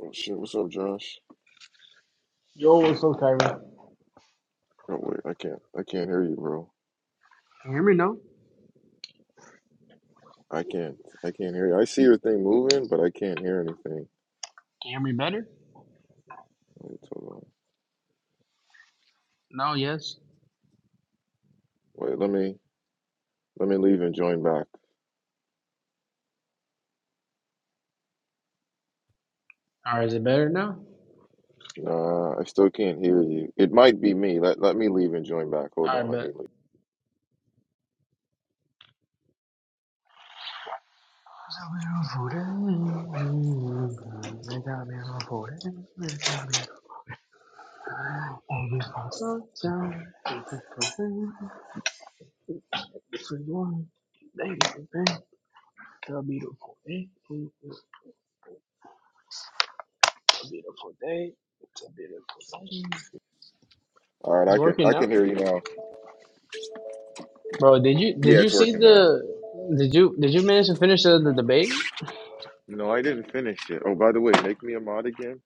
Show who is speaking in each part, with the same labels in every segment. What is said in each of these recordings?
Speaker 1: Oh shit, what's up, Josh?
Speaker 2: Yo, what's up, Kyrie? Can
Speaker 1: Oh wait, I can't I can't hear you, bro.
Speaker 2: you hear me now? Can
Speaker 1: I can't I can't hear you. I see your thing moving, but I can't hear anything.
Speaker 2: you hear me better?
Speaker 1: Wait, hold on.
Speaker 2: No, yes.
Speaker 1: Wait, let me let me leave and join back.
Speaker 2: All right, is it better now?
Speaker 1: Nah, I still can't hear you. It might be me. Let let me leave and join back. Hold
Speaker 2: All
Speaker 1: on,
Speaker 2: right,
Speaker 1: let
Speaker 2: bet.
Speaker 1: me leave. All right,
Speaker 2: It's
Speaker 1: I can
Speaker 2: working
Speaker 1: I
Speaker 2: now,
Speaker 1: can hear you now.
Speaker 2: bro. Did you did
Speaker 1: Yeah,
Speaker 2: you
Speaker 1: it's
Speaker 2: see
Speaker 1: working now.
Speaker 2: the did you did you manage to finish the, the debate?
Speaker 1: No, I didn't finish it. Oh, by the way, make me a mod again.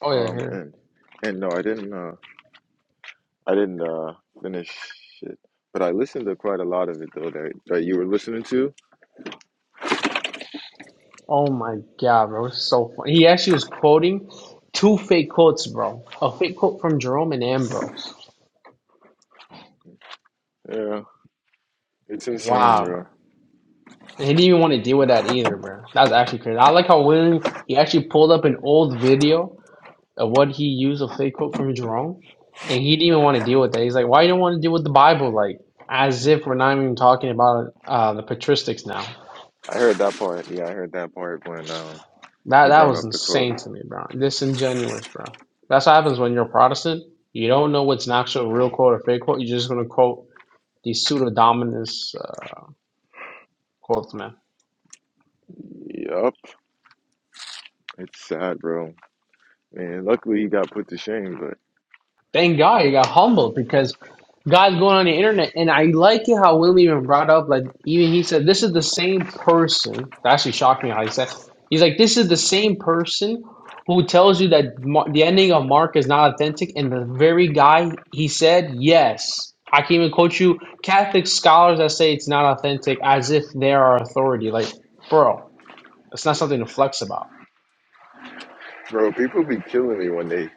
Speaker 2: Oh yeah,
Speaker 1: Um,
Speaker 2: here.
Speaker 1: and and no, I didn't uh I didn't uh finish it. But I listened to quite a lot of it though that that you were listening to.
Speaker 2: Oh my god, bro, it's so funny. He actually was quoting two fake quotes, bro. A fake quote from Jerome and Ambrose.
Speaker 1: Yeah. It's insane,
Speaker 2: Wow, bro.
Speaker 1: bro.
Speaker 2: And he didn't even want to deal with that either, bro. That's actually crazy. I like how when he actually pulled up an old video of what he used a fake quote from Jerome, and he didn't even want to deal with that. He's like, "Why you don't want to deal with the Bible?" Like, as if we're not even talking about uh, the patristics now.
Speaker 1: I heard that part. Yeah, I heard that part when um
Speaker 2: That
Speaker 1: he
Speaker 2: that
Speaker 1: brought
Speaker 2: was
Speaker 1: up the quote.
Speaker 2: insane to me, bro. Disingenuous, bro. That's what happens when you're a Protestant. You don't know what's an actual real quote or fake quote. You're just gonna quote these pseudo dominus uh, quotes, man.
Speaker 1: Yup. It's sad, bro. And luckily he got put to shame, but
Speaker 2: Thank God he got humbled because God's going on the internet. And I like it how William even brought up, like, even he said, this is the same person. That actually shocked me how he said, he's like, this is the same person who tells you that Mar- the ending of Mark is not authentic. And the very guy he said, yes, I can even quote you Catholic scholars that say it's not authentic as if they are authority. Like, bro, it's not something to flex about.
Speaker 1: bro, people be killing me when they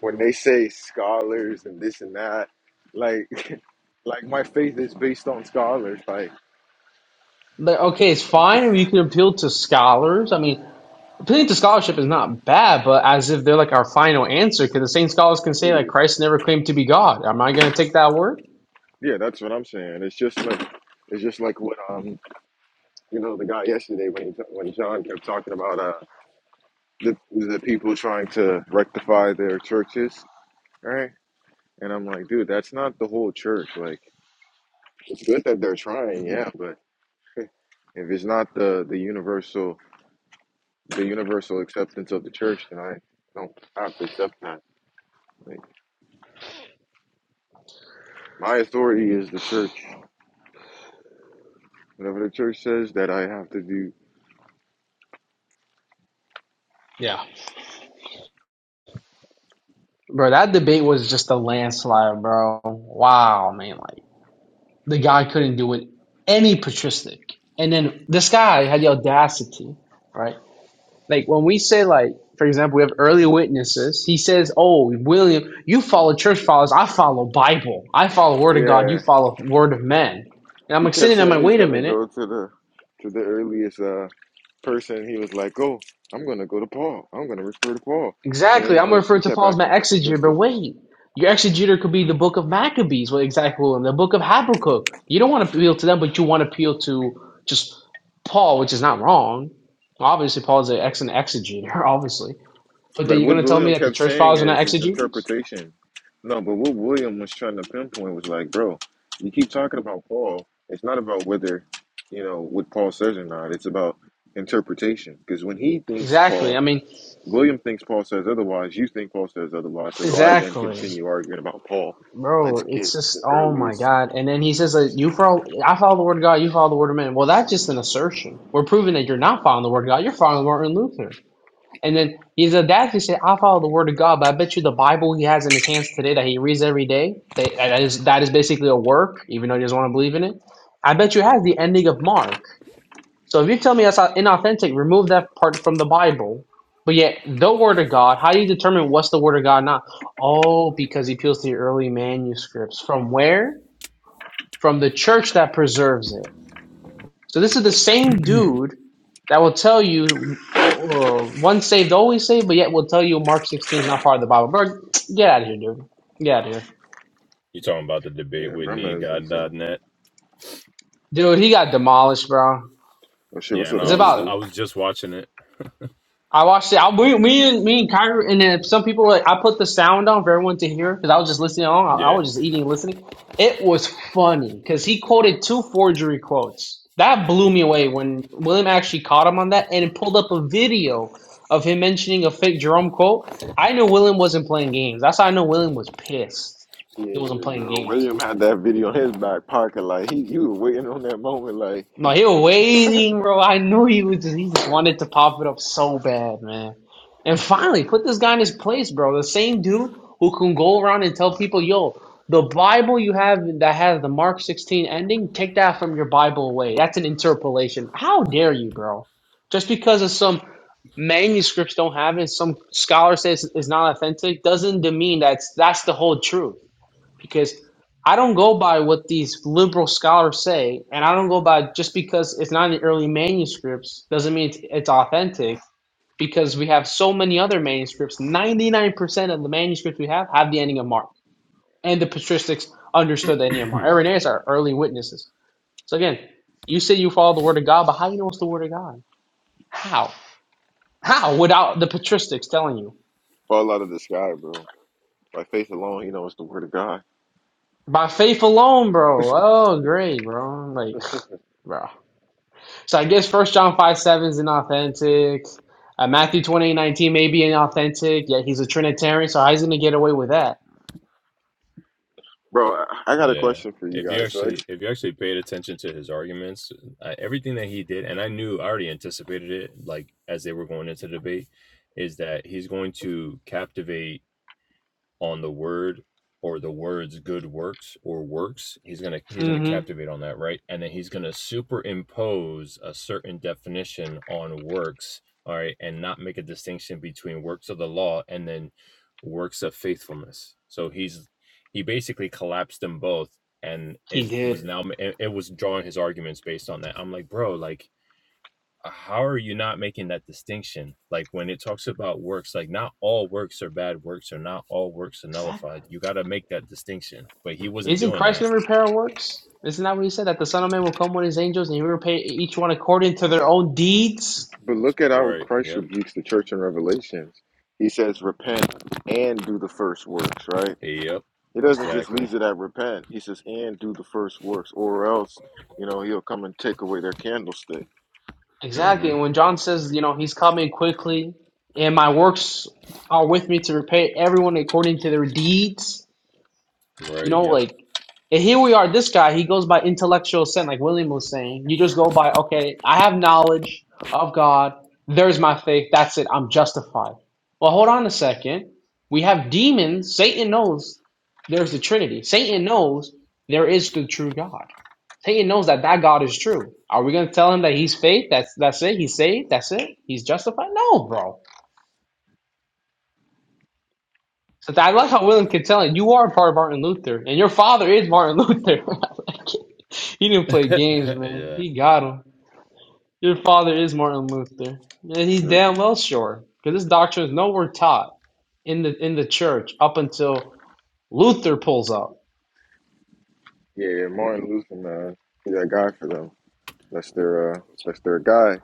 Speaker 1: when they say scholars and this and that. Like like my faith is based on scholars. Like,
Speaker 2: Like, okay, it's fine if you can appeal to scholars. I mean, Appealing to scholarship is not bad, but as if they're like our final answer, because the same scholars can say like
Speaker 1: yeah,
Speaker 2: Christ never claimed to be God. Am I going to take that word?
Speaker 1: yeah, that's what I'm saying. It's just like it's just like what um you know the guy yesterday when he t- when John kept talking about uh the the people trying to rectify their churches, right? And I'm like, dude, that's not the whole church. Like, it's good that they're trying, yeah, but if it's not the the universal the universal acceptance of the church, then I don't have to accept that. Like, my authority is the church. Whatever the church says that I have to do.
Speaker 2: Yeah, bro. That debate was just a landslide, bro. Wow, man. Like the guy couldn't do it any patristic, and then this guy had the audacity, right? Like when we say like, for example, we have early witnesses. He says, "Oh, William, you follow church fathers. I follow Bible. I follow Word of God. You
Speaker 1: Yeah,
Speaker 2: follow Word of men." And I'm
Speaker 1: he
Speaker 2: like
Speaker 1: kept
Speaker 2: sitting there, I'm
Speaker 1: saying
Speaker 2: like,
Speaker 1: he's
Speaker 2: "Wait a
Speaker 1: gonna
Speaker 2: minute."
Speaker 1: go to the to the earliest uh person. He was like, oh, I'm gonna go to Paul. I'm gonna refer to Paul. And then
Speaker 2: Exactly.
Speaker 1: he's
Speaker 2: I'm
Speaker 1: like, he
Speaker 2: referring to
Speaker 1: kept
Speaker 2: Paul as my
Speaker 1: asking for
Speaker 2: exegeter,
Speaker 1: Patricia.
Speaker 2: but wait. Your exegeter could be the book of Maccabees, well, exactly, and the book of Habakkuk. You don't want to appeal to them, but you want to appeal to just Paul, which is not wrong. Obviously, Paul is an excellent exegeter, obviously. But then
Speaker 1: But
Speaker 2: you're going
Speaker 1: what
Speaker 2: to tell me
Speaker 1: William
Speaker 2: that the
Speaker 1: kept
Speaker 2: church
Speaker 1: saying
Speaker 2: fathers are not
Speaker 1: is his
Speaker 2: exegeters?
Speaker 1: interpretation. No, but what William was trying to pinpoint was like, bro, you keep talking about Paul. It's not about whether, you know, what Paul says or not. It's about interpretation. Because when he thinks
Speaker 2: Exactly. I
Speaker 1: Paul,
Speaker 2: mean,
Speaker 1: William thinks Paul says otherwise. You think Paul says otherwise. So why then
Speaker 2: exactly.
Speaker 1: continue arguing about Paul? Let's
Speaker 2: Bro,
Speaker 1: get
Speaker 2: it's just,
Speaker 1: the
Speaker 2: oh my
Speaker 1: earliest.
Speaker 2: God. And then he says, like, you follow, I follow the word of God, you follow the word of man. Well, that's just an assertion. We're proving that you're not following the word of God, you're following Martin Luther. And then he's a dad. He said, "I follow the word of God." But I bet you the Bible he has in his hands today that he reads every day. That that is that is basically a work, even though he doesn't want to believe in it. I bet you it has the ending of Mark. So if you tell me that's inauthentic, remove that part from the Bible. But yet the word of God, how do you determine what's the word of God not? Oh, because he peels the early manuscripts. From where? From the church that preserves it. So this is the
Speaker 1: Yeah,
Speaker 2: same dude that will tell you uh, once saved, always saved, but yet will tell you Mark 16 is not part of the Bible. Bro, get out of here, dude. Get out of here.
Speaker 3: You talking about the debate
Speaker 1: yeah
Speaker 3: with
Speaker 1: Brahma is insane.
Speaker 3: NeedGod.net?
Speaker 2: Dude, he got demolished, bro.
Speaker 1: Oh shit, what's
Speaker 3: Yeah,
Speaker 1: up,
Speaker 2: It's
Speaker 3: no, I was
Speaker 2: about
Speaker 3: I
Speaker 1: XG?
Speaker 3: was just watching it.
Speaker 2: I watched it. I, we, me and me and Kyrie, and then some people. Like, I put the sound on for everyone to hear because I was just listening on. I, I
Speaker 3: Yeah,
Speaker 2: was just eating and listening. It was funny because he quoted two forgery quotes. That blew me away when William actually caught him on that and it pulled up a video of him mentioning a fake Jerome quote. I knew William wasn't playing games. That's how I know William was pissed. He wasn't
Speaker 1: Yeah,
Speaker 2: playing
Speaker 1: bro.
Speaker 2: games.
Speaker 1: William had that video in his back pocket, like he, he was waiting on that moment, like.
Speaker 2: No, he was waiting, bro. I knew he was. Just, He just wanted to pop it up so bad, man. And finally, put this guy in his place, bro. The same dude who can go around and tell people, "Yo, the Bible you have that has the Mark sixteen ending, take that from your Bible away. That's an interpolation. How dare you, bro? Just because of some manuscripts don't have it, some scholar says it's not authentic, doesn't demean that's that's the whole truth because I don't go by what these liberal scholars say, and I don't go by just because it's not in the early manuscripts doesn't mean it's, it's authentic. Because we have so many other manuscripts, ninety nine percent of the manuscripts we have have the ending of Mark, and the patristics understood the ending of Mark. Irenaeus are early witnesses. So again, you say you follow the word of God, but how do you know it's the word of God? How? How? Without the patristics telling you
Speaker 1: Fall out of the sky, bro. By faith alone, you know, it's the word of God.
Speaker 2: by faith alone, bro. Oh, great, bro. Like, bro. So I guess First John five seven is inauthentic. Uh, Matthew twenty eight nineteen may be inauthentic. Yet he's a Trinitarian, so how's he gonna get away with that?
Speaker 1: Bro, I I got a
Speaker 3: yeah.
Speaker 1: question for you
Speaker 3: If you
Speaker 1: guys. So,
Speaker 3: actually
Speaker 1: it's,
Speaker 3: if you actually paid attention to his arguments, I, everything that he did, and I knew I already anticipated it, like as they were going into the debate, is that he's going to captivate on the word or the words good works or works he's going to he's going to
Speaker 2: hmm
Speaker 3: captivate on that right and then he's going to superimpose a certain definition on works all right and not make a distinction between works of the law and then works of faithfulness so he's he basically collapsed them both and
Speaker 2: He
Speaker 3: is was
Speaker 2: did.
Speaker 3: now it it was drawing his arguments based on that i'm like bro like how are you not making that distinction? Like when it talks about works, like not all works are bad works or not all works are
Speaker 2: Exactly.
Speaker 3: nullified. You got to make that distinction. But he wasn't
Speaker 2: Isn't
Speaker 3: doing
Speaker 2: Christ
Speaker 3: that.
Speaker 2: gonna repair our works? Isn't that what he said? That the Son of Man will come with his angels and he will repay each one according to their own deeds.
Speaker 1: but look at how
Speaker 3: Right.
Speaker 1: Christ
Speaker 3: Yep.
Speaker 1: rebukes the church in Revelations. He says, "Repent and do the first works." Right?
Speaker 3: Yep.
Speaker 1: He doesn't just
Speaker 2: Exactly.
Speaker 3: Exactly.
Speaker 1: leave it at repent. He says, "And do the first works, or else, you know, he'll come and take away their candlestick."
Speaker 2: Exactly.
Speaker 3: Mm-hmm.
Speaker 2: And when John says, you know, he's coming quickly, and my works are with me to repay everyone according to their deeds. You
Speaker 3: Right.
Speaker 2: know,
Speaker 3: Yep.
Speaker 2: like, and here we are, this guy, he goes by intellectual sin, like William was saying. You just go by, okay, I have knowledge of God. There's my faith. That's it. I'm justified. Well, hold on a second. We have demons. Satan knows there's the Trinity. Satan knows there is the true God. Satan knows that that God is true. Are we going to tell him that he's faith? That's that's it. He's saved. That's it. He's justified. No, bro. So I
Speaker 1: Yeah,
Speaker 2: like how William can tell it. You are part of Martin Luther, and your father is Martin Luther. he didn't play games, man.
Speaker 3: yeah.
Speaker 2: He got him. Your father is Martin Luther, and he's
Speaker 1: Right.
Speaker 2: damn well sure because this doctrine is nowhere taught in the in the church up until Luther pulls up.
Speaker 1: yeah. yeah, Martin Luther, man, he's that guy for them. That's their, uh, that's their guy.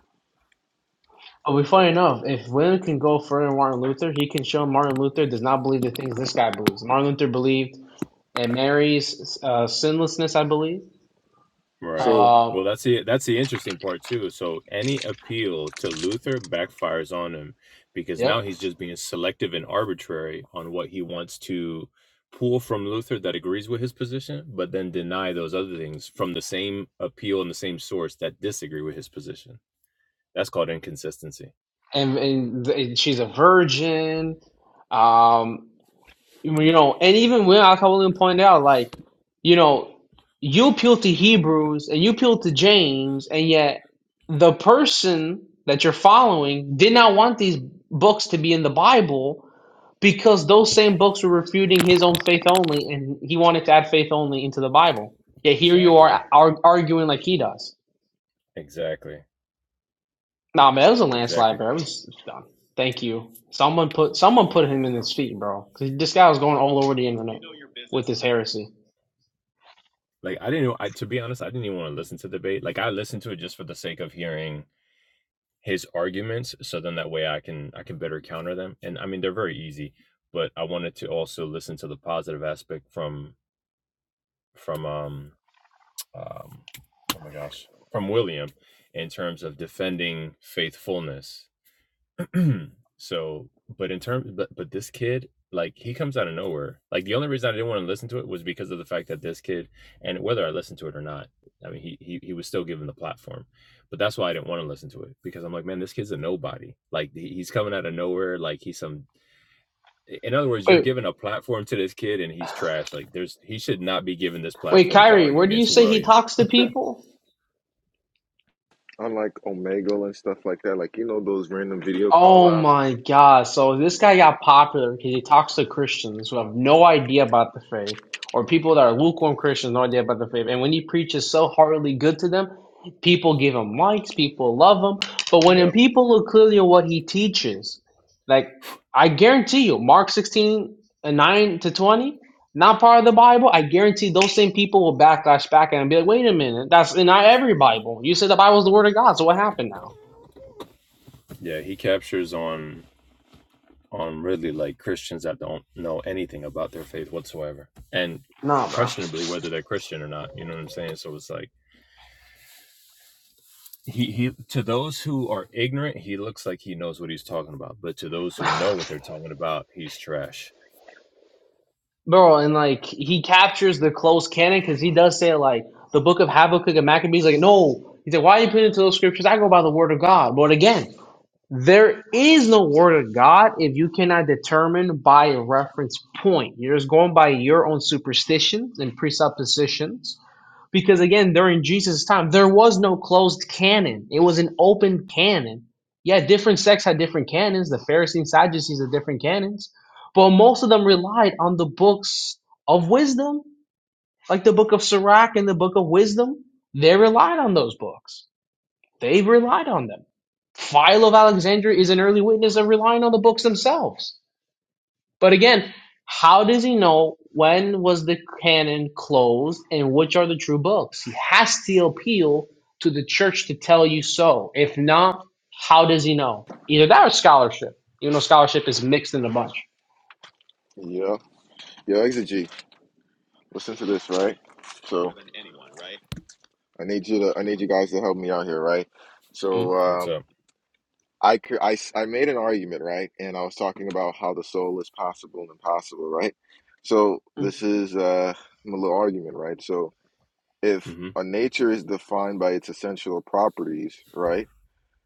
Speaker 2: But we funny enough, if William can go further than Martin Luther, he can show Martin Luther does not believe the things this guy believes. Martin Luther believed in Mary's uh, sinlessness, I believe.
Speaker 3: Right.
Speaker 1: So,
Speaker 2: Um,
Speaker 3: Well, that's the that's the interesting part too. So any appeal to Luther backfires on him because
Speaker 2: yep.
Speaker 3: now he's just being selective and arbitrary on what he wants to pull from Luther that agrees with his position, but then deny those other things from the same appeal and the same source that disagree with his position. That's called inconsistency.
Speaker 2: and, and, th- she's a virgin. Um, you know, and even when I William pointed out, like, you know, you appeal to Hebrews and you appeal to James, and yet the person that you're following did not want these books to be in the Bible because those same books were refuting his own faith only, and he wanted to add faith only into the Bible. Yet here you
Speaker 3: Exactly.
Speaker 2: are ar- arguing like he does.
Speaker 3: Exactly.
Speaker 2: Nah, man, it was a landslide,
Speaker 3: Exactly.
Speaker 2: bro. It was it's done. Thank you. Someone put someone put him in his feet, bro. 'Cause This guy was going all over the internet with his heresy.
Speaker 3: Like I didn't know I to be honest, I didn't even want to listen to the debate. Like I listened to it just for the sake of hearing his arguments so then that way I can I can better counter them. And I mean they're very easy, but I wanted to also listen to the positive aspect from from um um oh my gosh, from William in terms of defending faithfulness so, but in terms, but but this kid, like he comes out of nowhere. Like the only reason I didn't want to listen to it was because of the fact that this kid, and whether I listened to it or not, I mean, he he he was still given the platform. But that's why I didn't want to listen to it because I'm like, man, this kid's a nobody. Like he- he's coming out of nowhere. Like he's some in other words, you're
Speaker 2: Wait,
Speaker 3: giving a platform to this kid and he's trash. Like there's he should not be given this
Speaker 2: wait,
Speaker 3: platform to
Speaker 2: Kyrie,
Speaker 3: argue
Speaker 2: where do you
Speaker 3: against
Speaker 2: say he
Speaker 3: William.
Speaker 2: talks to people?
Speaker 1: unlike Omegle and stuff like that, like you know those random video call
Speaker 2: Oh
Speaker 1: outs.
Speaker 2: my God. So this guy got popular because he talks to Christians who have no idea about the faith, or people that are lukewarm Christians, no idea about the faith. And when he preaches so heartily good to them, people give him likes, people love him. But when
Speaker 3: Yep.
Speaker 2: people look clearly at what he teaches, like I guarantee you, Mark 16 and 9 to 20, not part of the Bible, I guarantee those same people will backlash back and be like, wait a minute, that's not every Bible. You said the Bible's the word of God, so what happened now?
Speaker 3: Yeah, he captures on on really like Christians that don't know anything about their faith whatsoever. And
Speaker 2: No, bro.
Speaker 3: questionably whether they're Christian or not. You know what I'm saying? So it's like he he to those who are ignorant he looks like he knows what he's talking about but to those who know what they're talking about he's trash
Speaker 2: Bro, and like he captures the close canon because he does say like the book of Habakkuk and Maccabees. Like, no, he's like, why are you putting into those scriptures? I go by the word of God. But again, there is no word of God if you cannot determine by a reference point. You're just going by your own superstitions and presuppositions because again, during Jesus' time, there was no closed canon. It was an open canon. Yeah, different sects had different canons. The Pharisees and Sadducees had different canons. But most of them relied on the books of wisdom, like the book of Sirach and the book of wisdom. They relied on those books. They relied on them. Philo of Alexandria is an early witness of relying on the books themselves. But again, how does he know when was the canon closed and which are the true books? He has to appeal to the church to tell you so. If not, how does he know? Either that or scholarship. You know, scholarship is mixed in a bunch.
Speaker 1: Yeah. Yo, Exegete, listen to this, right? So I need you to, I need you guys to help me out here, right?
Speaker 2: Mm,
Speaker 1: So
Speaker 3: what's
Speaker 1: um,
Speaker 3: up
Speaker 1: I, cr- I, s- I made an argument, right? And I was talking about how the soul is possible and impossible, right? So
Speaker 2: mm.
Speaker 1: this is uh, my little argument, right? So if
Speaker 3: mm-hmm
Speaker 1: a nature is defined by its essential properties, right,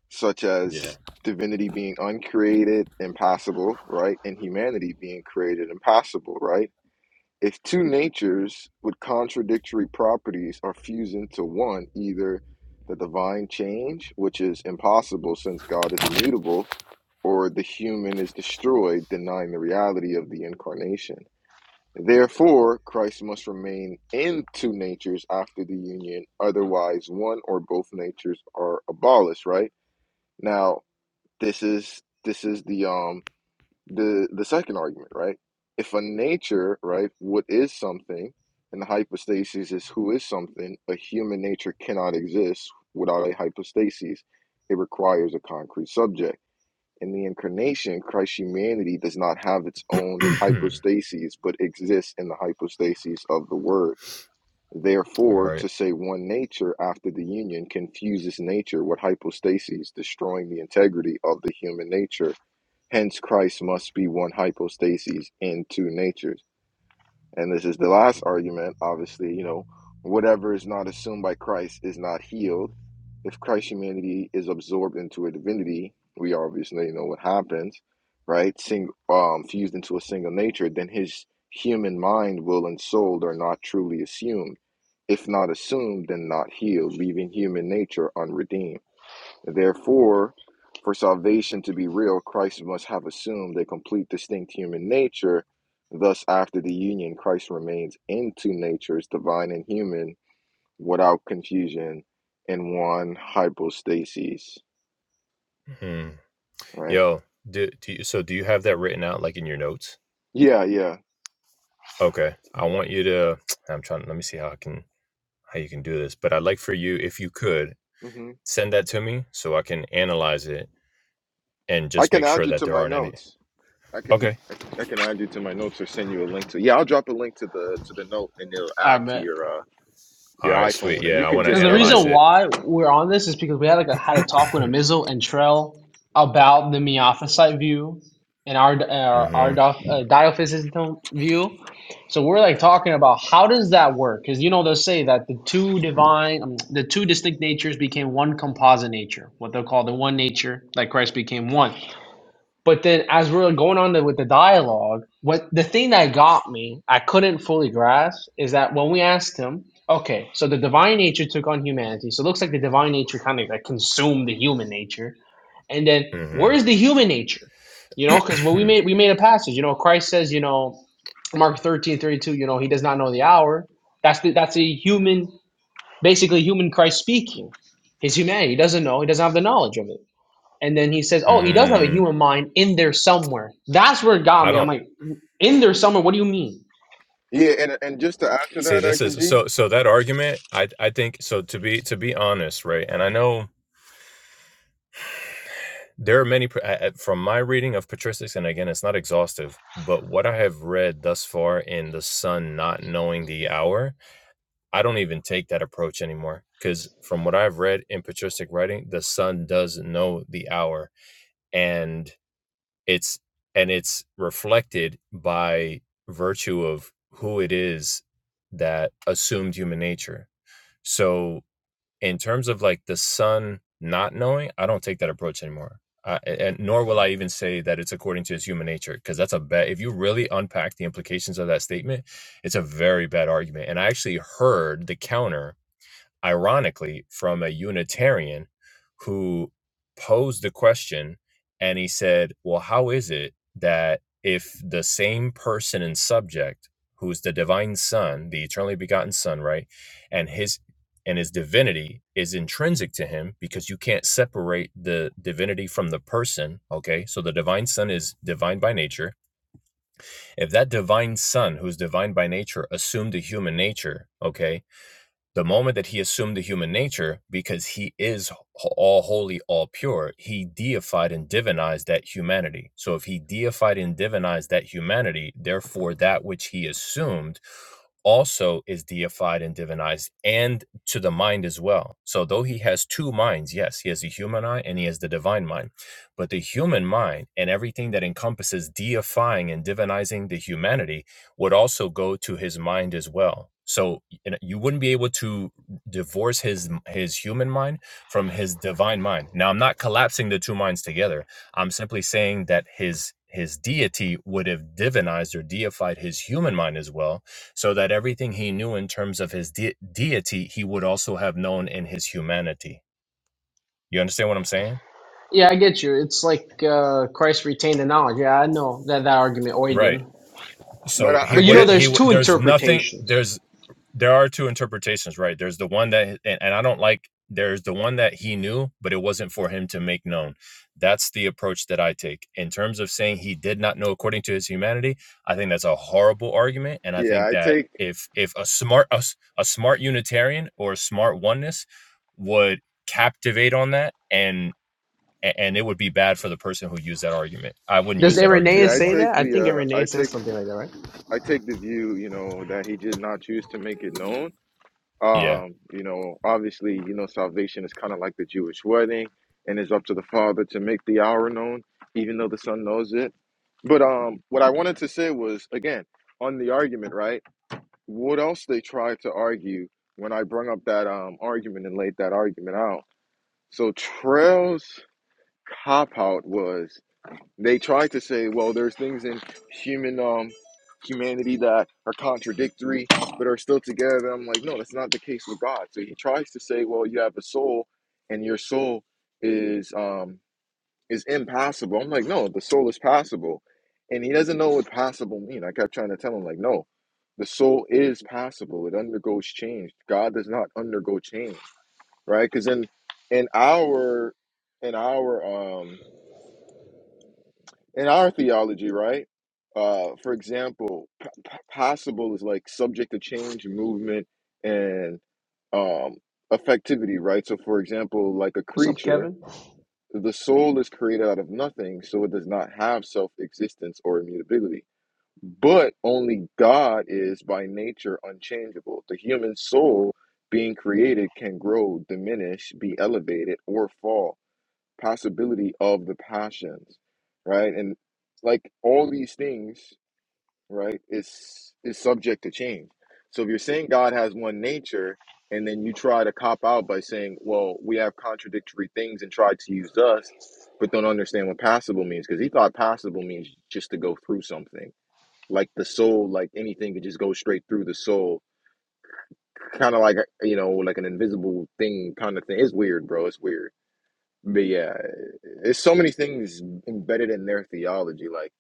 Speaker 1: such
Speaker 3: yeah
Speaker 1: as divinity being uncreated, impossible, right, and humanity being created, impossible, right? If two natures with contradictory properties are fused into one, either the divine change, which is impossible since God is immutable, or the human is destroyed, denying the reality of the incarnation. Therefore, Christ must remain in two natures after the union, otherwise one or both natures are abolished, right? Now, this is this is the um the the second argument, right? If a nature, right, what is something, and the hypostasis is who is something, a human nature cannot exist without a hypostasis. It requires a concrete subject. In the incarnation, Christ's humanity does not have its own hypostasis, but exists in the hypostasis of the Word. Therefore,
Speaker 3: right
Speaker 1: to say one nature after the union confuses nature with hypostasis, destroying the integrity of the human nature Hence, Christ must be one hypostasis in two natures. And this is the last argument. Obviously, you know, whatever is not assumed by Christ is not healed. If Christ's humanity is absorbed into a divinity, we obviously know what happens, right? Sing, um, fused into a single nature, then his human mind, will, and soul are not truly assumed. If not assumed, then not healed, leaving human nature unredeemed. Therefore, for salvation to be real, Christ must have assumed a complete distinct human nature. Thus, after the union, Christ remains in two natures, divine and human, without confusion, in one hypostasis.
Speaker 3: hmm.
Speaker 1: Right?
Speaker 3: yo do, do you, so do you have that written out like in your notes
Speaker 1: Yeah, yeah.
Speaker 3: okay i want you to i'm trying let me see how i can how you can do this but i'd like for you if you could
Speaker 1: hmm
Speaker 3: send that to me so i can analyze it and
Speaker 1: I
Speaker 3: just
Speaker 1: can
Speaker 3: make
Speaker 1: add
Speaker 3: sure
Speaker 1: you
Speaker 3: that
Speaker 1: to
Speaker 3: there
Speaker 1: my
Speaker 3: aren't any
Speaker 1: notes. I can,
Speaker 3: okay
Speaker 1: I can, I can add you to my notes or send you a link to. Yeah, I'll drop a link to the to the note, and it'll
Speaker 2: I
Speaker 1: add to
Speaker 2: bet.
Speaker 1: your uh
Speaker 3: all
Speaker 1: your
Speaker 3: right sweet
Speaker 1: iPhone,
Speaker 3: yeah
Speaker 1: and you
Speaker 3: i
Speaker 1: can
Speaker 3: want to
Speaker 2: Because
Speaker 1: just
Speaker 2: the
Speaker 1: edit
Speaker 3: analyze
Speaker 2: reason
Speaker 1: it.
Speaker 3: it
Speaker 2: why we're on this is because we had like a, had a talk with Amizel and Trell about the Miaphysite view and our our, our
Speaker 3: mm-hmm
Speaker 2: doc, uh, Diophysite view. So we're like talking about how does that work? Because you know they'll say that the two divine, um, the two distinct natures became one composite nature, what they'll call the one nature, like Christ became one. But then as we are going on the, with the dialogue, what the thing that got me, I couldn't fully grasp, is that when we asked him, okay, so the divine nature took on humanity. So it looks like the divine nature kind of like consumed the human nature. And then where is
Speaker 3: mm-hmm
Speaker 2: the human nature? You know, because when we made we made a passage, you know, Christ says, you know, Mark 13 32, you know, he does not know the hour. That's the that's a human, basically human Christ speaking. His humanity. He doesn't know, he doesn't have the knowledge of it. And then he says, "Oh, he does have a
Speaker 3: Mm,
Speaker 2: human mind in there somewhere." That's where it got
Speaker 3: I
Speaker 2: me. I'm
Speaker 3: don't
Speaker 2: like, "In there somewhere? What do you mean?"
Speaker 1: Yeah, and and just to add to
Speaker 3: see
Speaker 1: that,
Speaker 3: this
Speaker 1: Dr.
Speaker 3: is
Speaker 1: G,
Speaker 3: so so that argument I I think so to be to be honest right and I know there are many pr- a- a- from my reading of patristics and again it's not exhaustive but what I have read thus far in the sun not knowing the hour I don't even take that approach anymore because from what I've read in patristic writing the sun does know the hour and it's and it's reflected by virtue of who it is that assumed human nature So in terms of like the son not knowing, I don't take that approach anymore. I, and nor will I even say that it's according to his human nature, because that's a bad. If you really unpack the implications of that statement, it's a very bad argument. And I actually heard the counter ironically, from a Unitarian who posed the question and he said, Well, how is it that if the same person and subject, who's the divine son, the eternally begotten son, right, and his and his divinity is intrinsic to him because you can't separate the divinity from the person. Okay. So the divine son is divine by nature. If that divine son, who's divine by nature, assumed a human nature, okay, the moment that he assumed the human nature, because he is all holy, all pure, he deified and divinized that humanity. So if he deified and divinized that humanity, therefore that which he assumed also is deified and divinized and to the mind as well. So though he has two minds, yes, he has a human eye and he has the divine mind. But the human mind and everything that encompasses deifying and divinizing the humanity would also go to his mind as well. So you know, you wouldn't be able to divorce his his human mind from his divine mind. Now I'm not collapsing the two minds together. I'm simply saying that his his deity would have divinized or deified his human mind as well so that everything he knew in terms of his de- deity, he would also have known in his humanity. You understand what I'm saying?
Speaker 2: Yeah, I get you. It's like uh, Christ retained the knowledge. Yeah, I know that that argument
Speaker 3: Right.
Speaker 2: Origen.
Speaker 1: But
Speaker 3: So
Speaker 1: I,
Speaker 3: he
Speaker 1: I-
Speaker 2: But you know,
Speaker 3: wouldn't.
Speaker 1: here's
Speaker 3: He
Speaker 2: there's
Speaker 3: w-
Speaker 2: two
Speaker 3: there's nothing.
Speaker 2: interpretations.
Speaker 3: There's there are two interpretations, right? There's the one that, and, and I don't like, there's the one that he knew, but it wasn't for him to make known. That's the approach that I take. In terms of saying he did not know according to his humanity, I think that's a horrible argument. And I
Speaker 1: yeah,
Speaker 3: think
Speaker 1: I
Speaker 3: that
Speaker 1: take
Speaker 3: if if a smart a a smart Unitarian or a smart oneness would captivate on that and and it would be bad for the person who used that argument. I wouldn't
Speaker 2: Does
Speaker 3: use that argument
Speaker 1: yeah,
Speaker 2: Irenaeus
Speaker 1: I
Speaker 2: say
Speaker 3: anymore.
Speaker 1: take
Speaker 2: that? I think
Speaker 1: the uh, I
Speaker 2: Irenaeus says
Speaker 1: take
Speaker 2: something like that, right?
Speaker 1: I take the view, you know, that he did not choose to make it known.
Speaker 3: Yeah.
Speaker 1: Um, you know, obviously, you know, salvation is kind of like the Jewish wedding, and it's up to the Father to make the hour known, even though the Son knows it. But um, what I wanted to say was again on the argument, right? What else they tried to argue when I brung up that um argument and laid that argument out? So Trail's cop out was. They try to say, well, there's things in human um humanity that are contradictory but are still together. I'm like, no, that's not the case with God. So he tries to say, well, you have a soul and your soul is um is impassable. I'm like, no, the soul is passable. And he doesn't know what passable mean. I kept trying to tell him like, no, the soul is passable. It undergoes change. God does not undergo change, right? Cuz in in our in our um." in our theology, right? Uh, for example, p- p- possible is like subject to change, movement, and um, effectivity, right? So, for example, like a
Speaker 2: What's up,
Speaker 1: creature,
Speaker 2: Kevin?
Speaker 1: the soul is created out of nothing, so it does not have self existence or immutability. But only God is by nature unchangeable. The human soul being created can grow, diminish, be elevated, or fall possibility of the passions, right? And like all these things, right, is is subject to change. So if you're saying God has one nature, and then you try to cop out by saying, "Well, we have contradictory things," and try to use us, but don't understand what passable means, because he thought passable means just to go through something, like the soul, like anything could just go straight through the soul, kind of like you know, like an invisible thing, kind of thing. It's weird, bro. It's weird. But yeah, there's so many things embedded in their theology. Like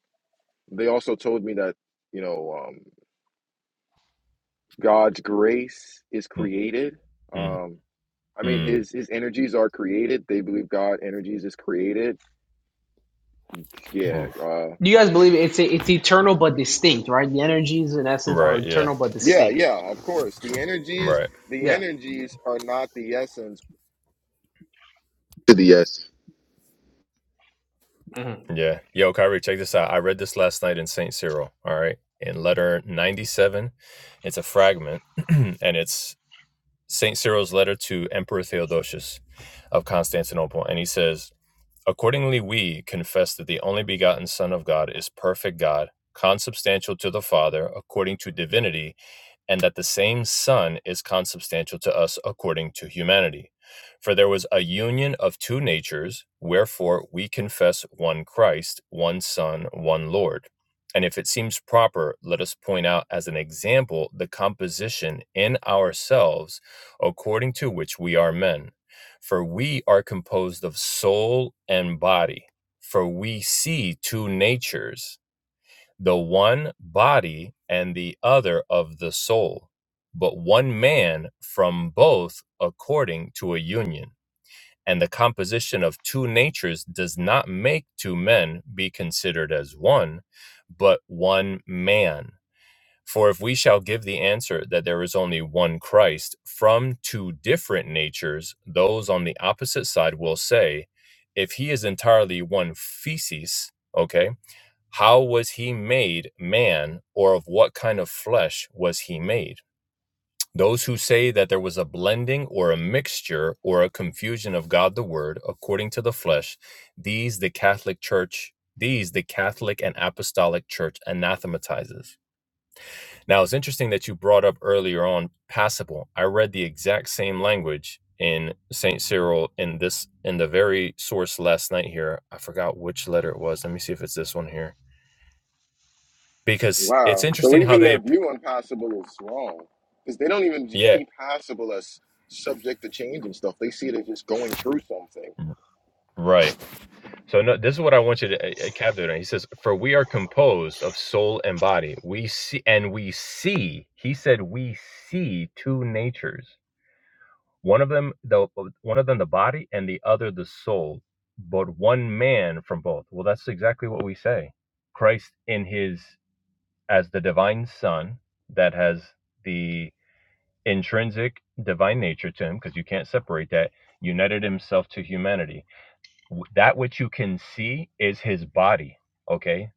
Speaker 1: they also told me that, you know, um, God's grace is
Speaker 3: Mm,
Speaker 1: created.
Speaker 3: mm,
Speaker 1: Um, I mean,
Speaker 3: mm.
Speaker 1: his his energies are created. They believe God energies is created. Yeah, uh,
Speaker 2: Do you guys believe it's it's eternal but distinct, right? The energies in essence are
Speaker 3: Right, yeah.
Speaker 2: eternal but
Speaker 1: yeah,
Speaker 2: distinct.
Speaker 1: yeah. Of course, the energies
Speaker 3: Right.
Speaker 1: the
Speaker 2: Yeah.
Speaker 1: energies are not the essence to the essence.
Speaker 2: Mhm.
Speaker 3: Yeah. Yo, Kyrie, check this out. I read this last night in St. Cyril, all right, in letter 97. It's a fragment, and it's St. Cyril's letter to Emperor Theodosius of Constantinople. And he says, Accordingly, we confess that the only begotten Son of God is perfect God, consubstantial to the Father, according to divinity, and that the same Son is consubstantial to us according to humanity. For there was a union of two natures, wherefore we confess one Christ, one Son, one Lord. And if it seems proper, let us point out as an example the composition in ourselves according to which we are men. For we are composed of soul and body, for we see two natures the one body and the other of the soul, but one man from both according to a union. And the composition of two natures does not make two men be considered as one, but one man. For if we shall give the answer that there is only one Christ from two different natures, those on the opposite side will say, if he is entirely one feces, okay, how was he made man, or of what kind of flesh was he made? Those who say that there was a blending or a mixture or a confusion of God the Word according to the flesh, these the Catholic Church, these the Catholic and Apostolic Church anathematizes. Now it's interesting that you brought up earlier on passible. I read the exact same language in Saint Cyril in this in the very source last night here. I forgot which letter it was. Let me see if it's this one here because it's
Speaker 1: Wow. So
Speaker 3: interesting how
Speaker 1: even
Speaker 3: they
Speaker 1: their view on possible is wrong because they don't even just
Speaker 3: yeah
Speaker 1: see possible as subject to change and stuff. They see it as just going through something.
Speaker 3: right so no this is what i want you to uh, uh, capture he says for we are composed of soul and body we see and we see he said we see two natures one of them the one of them the body and the other the soul but one man from both well that's exactly what we say christ in his as the divine son that has the intrinsic divine nature to him because you can't separate that united himself to humanity that which you can see is his body okay